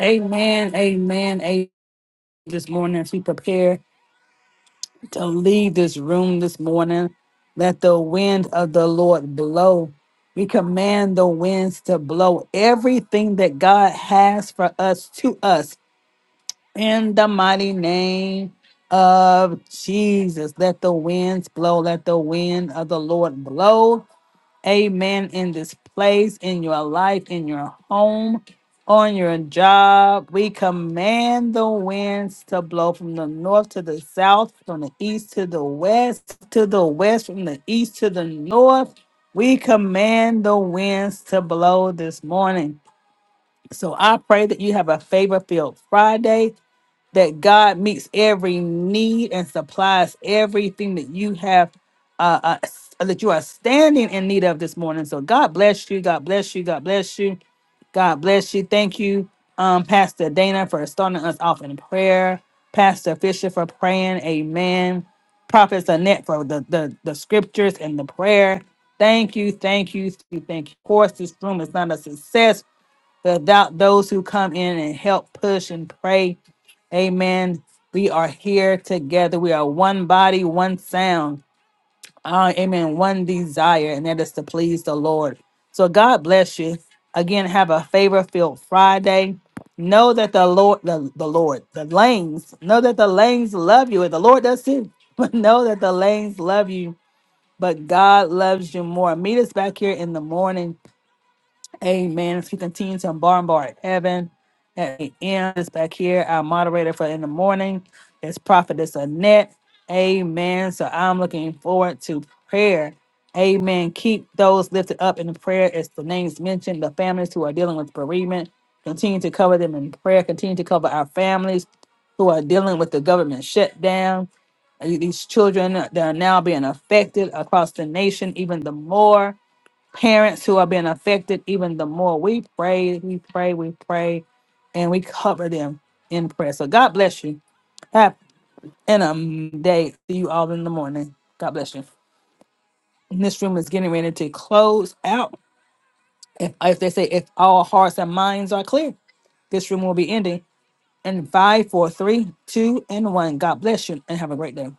Amen, amen, amen. This morning, as we prepare to leave this room this morning, let the wind of the Lord blow. We command the winds to blow everything that God has for us to us In the mighty name of Jesus, let the winds blow, let the wind of the Lord blow. Amen. In this place, in your life, in your home, on your job, we command the winds to blow from the north to the south, from the east to the west, to the west, from the east to the north. We command the winds to blow this morning. So I pray that you have a favor filled Friday that God meets every need and supplies everything that you have uh, uh, s- that you are standing in need of this morning. So God bless you. God bless you. God bless you. God bless you. Thank you, um, Pastor Dana, for starting us off in prayer. Pastor Fisher for praying. Amen. Prophet Annette for the, the the scriptures and the prayer. Thank you. Thank you. Thank you. Thank you. Of course, this room is not a success without those who come in and help push and pray. Amen. We are here together. We are one body, one sound. Uh, amen. One desire, and that is to please the Lord. So God bless you. Again, have a favor filled Friday. Know that the Lord, the, the Lord, the lanes, know that the lanes love you. And the Lord does too. But know that the lanes love you, but God loves you more. Meet us back here in the morning. Amen. If you continue to bombard heaven at the end, is back here. Our moderator for in the morning is Prophetess Annette. Amen. So I'm looking forward to prayer. Amen. Keep those lifted up in prayer as the names mentioned, the families who are dealing with bereavement. Continue to cover them in prayer. Continue to cover our families who are dealing with the government shutdown. Uh, These children that are now being affected across the nation, even the more parents who are being affected even the more. We pray, we pray, we pray, and we cover them in prayer. So God bless you. Have an um day. See you all in the morning. God bless you. And This room is getting ready to close out. If, if they say if all hearts and minds are clear, this room will be ending in five, four, three, two, and one. God bless you and have a great day.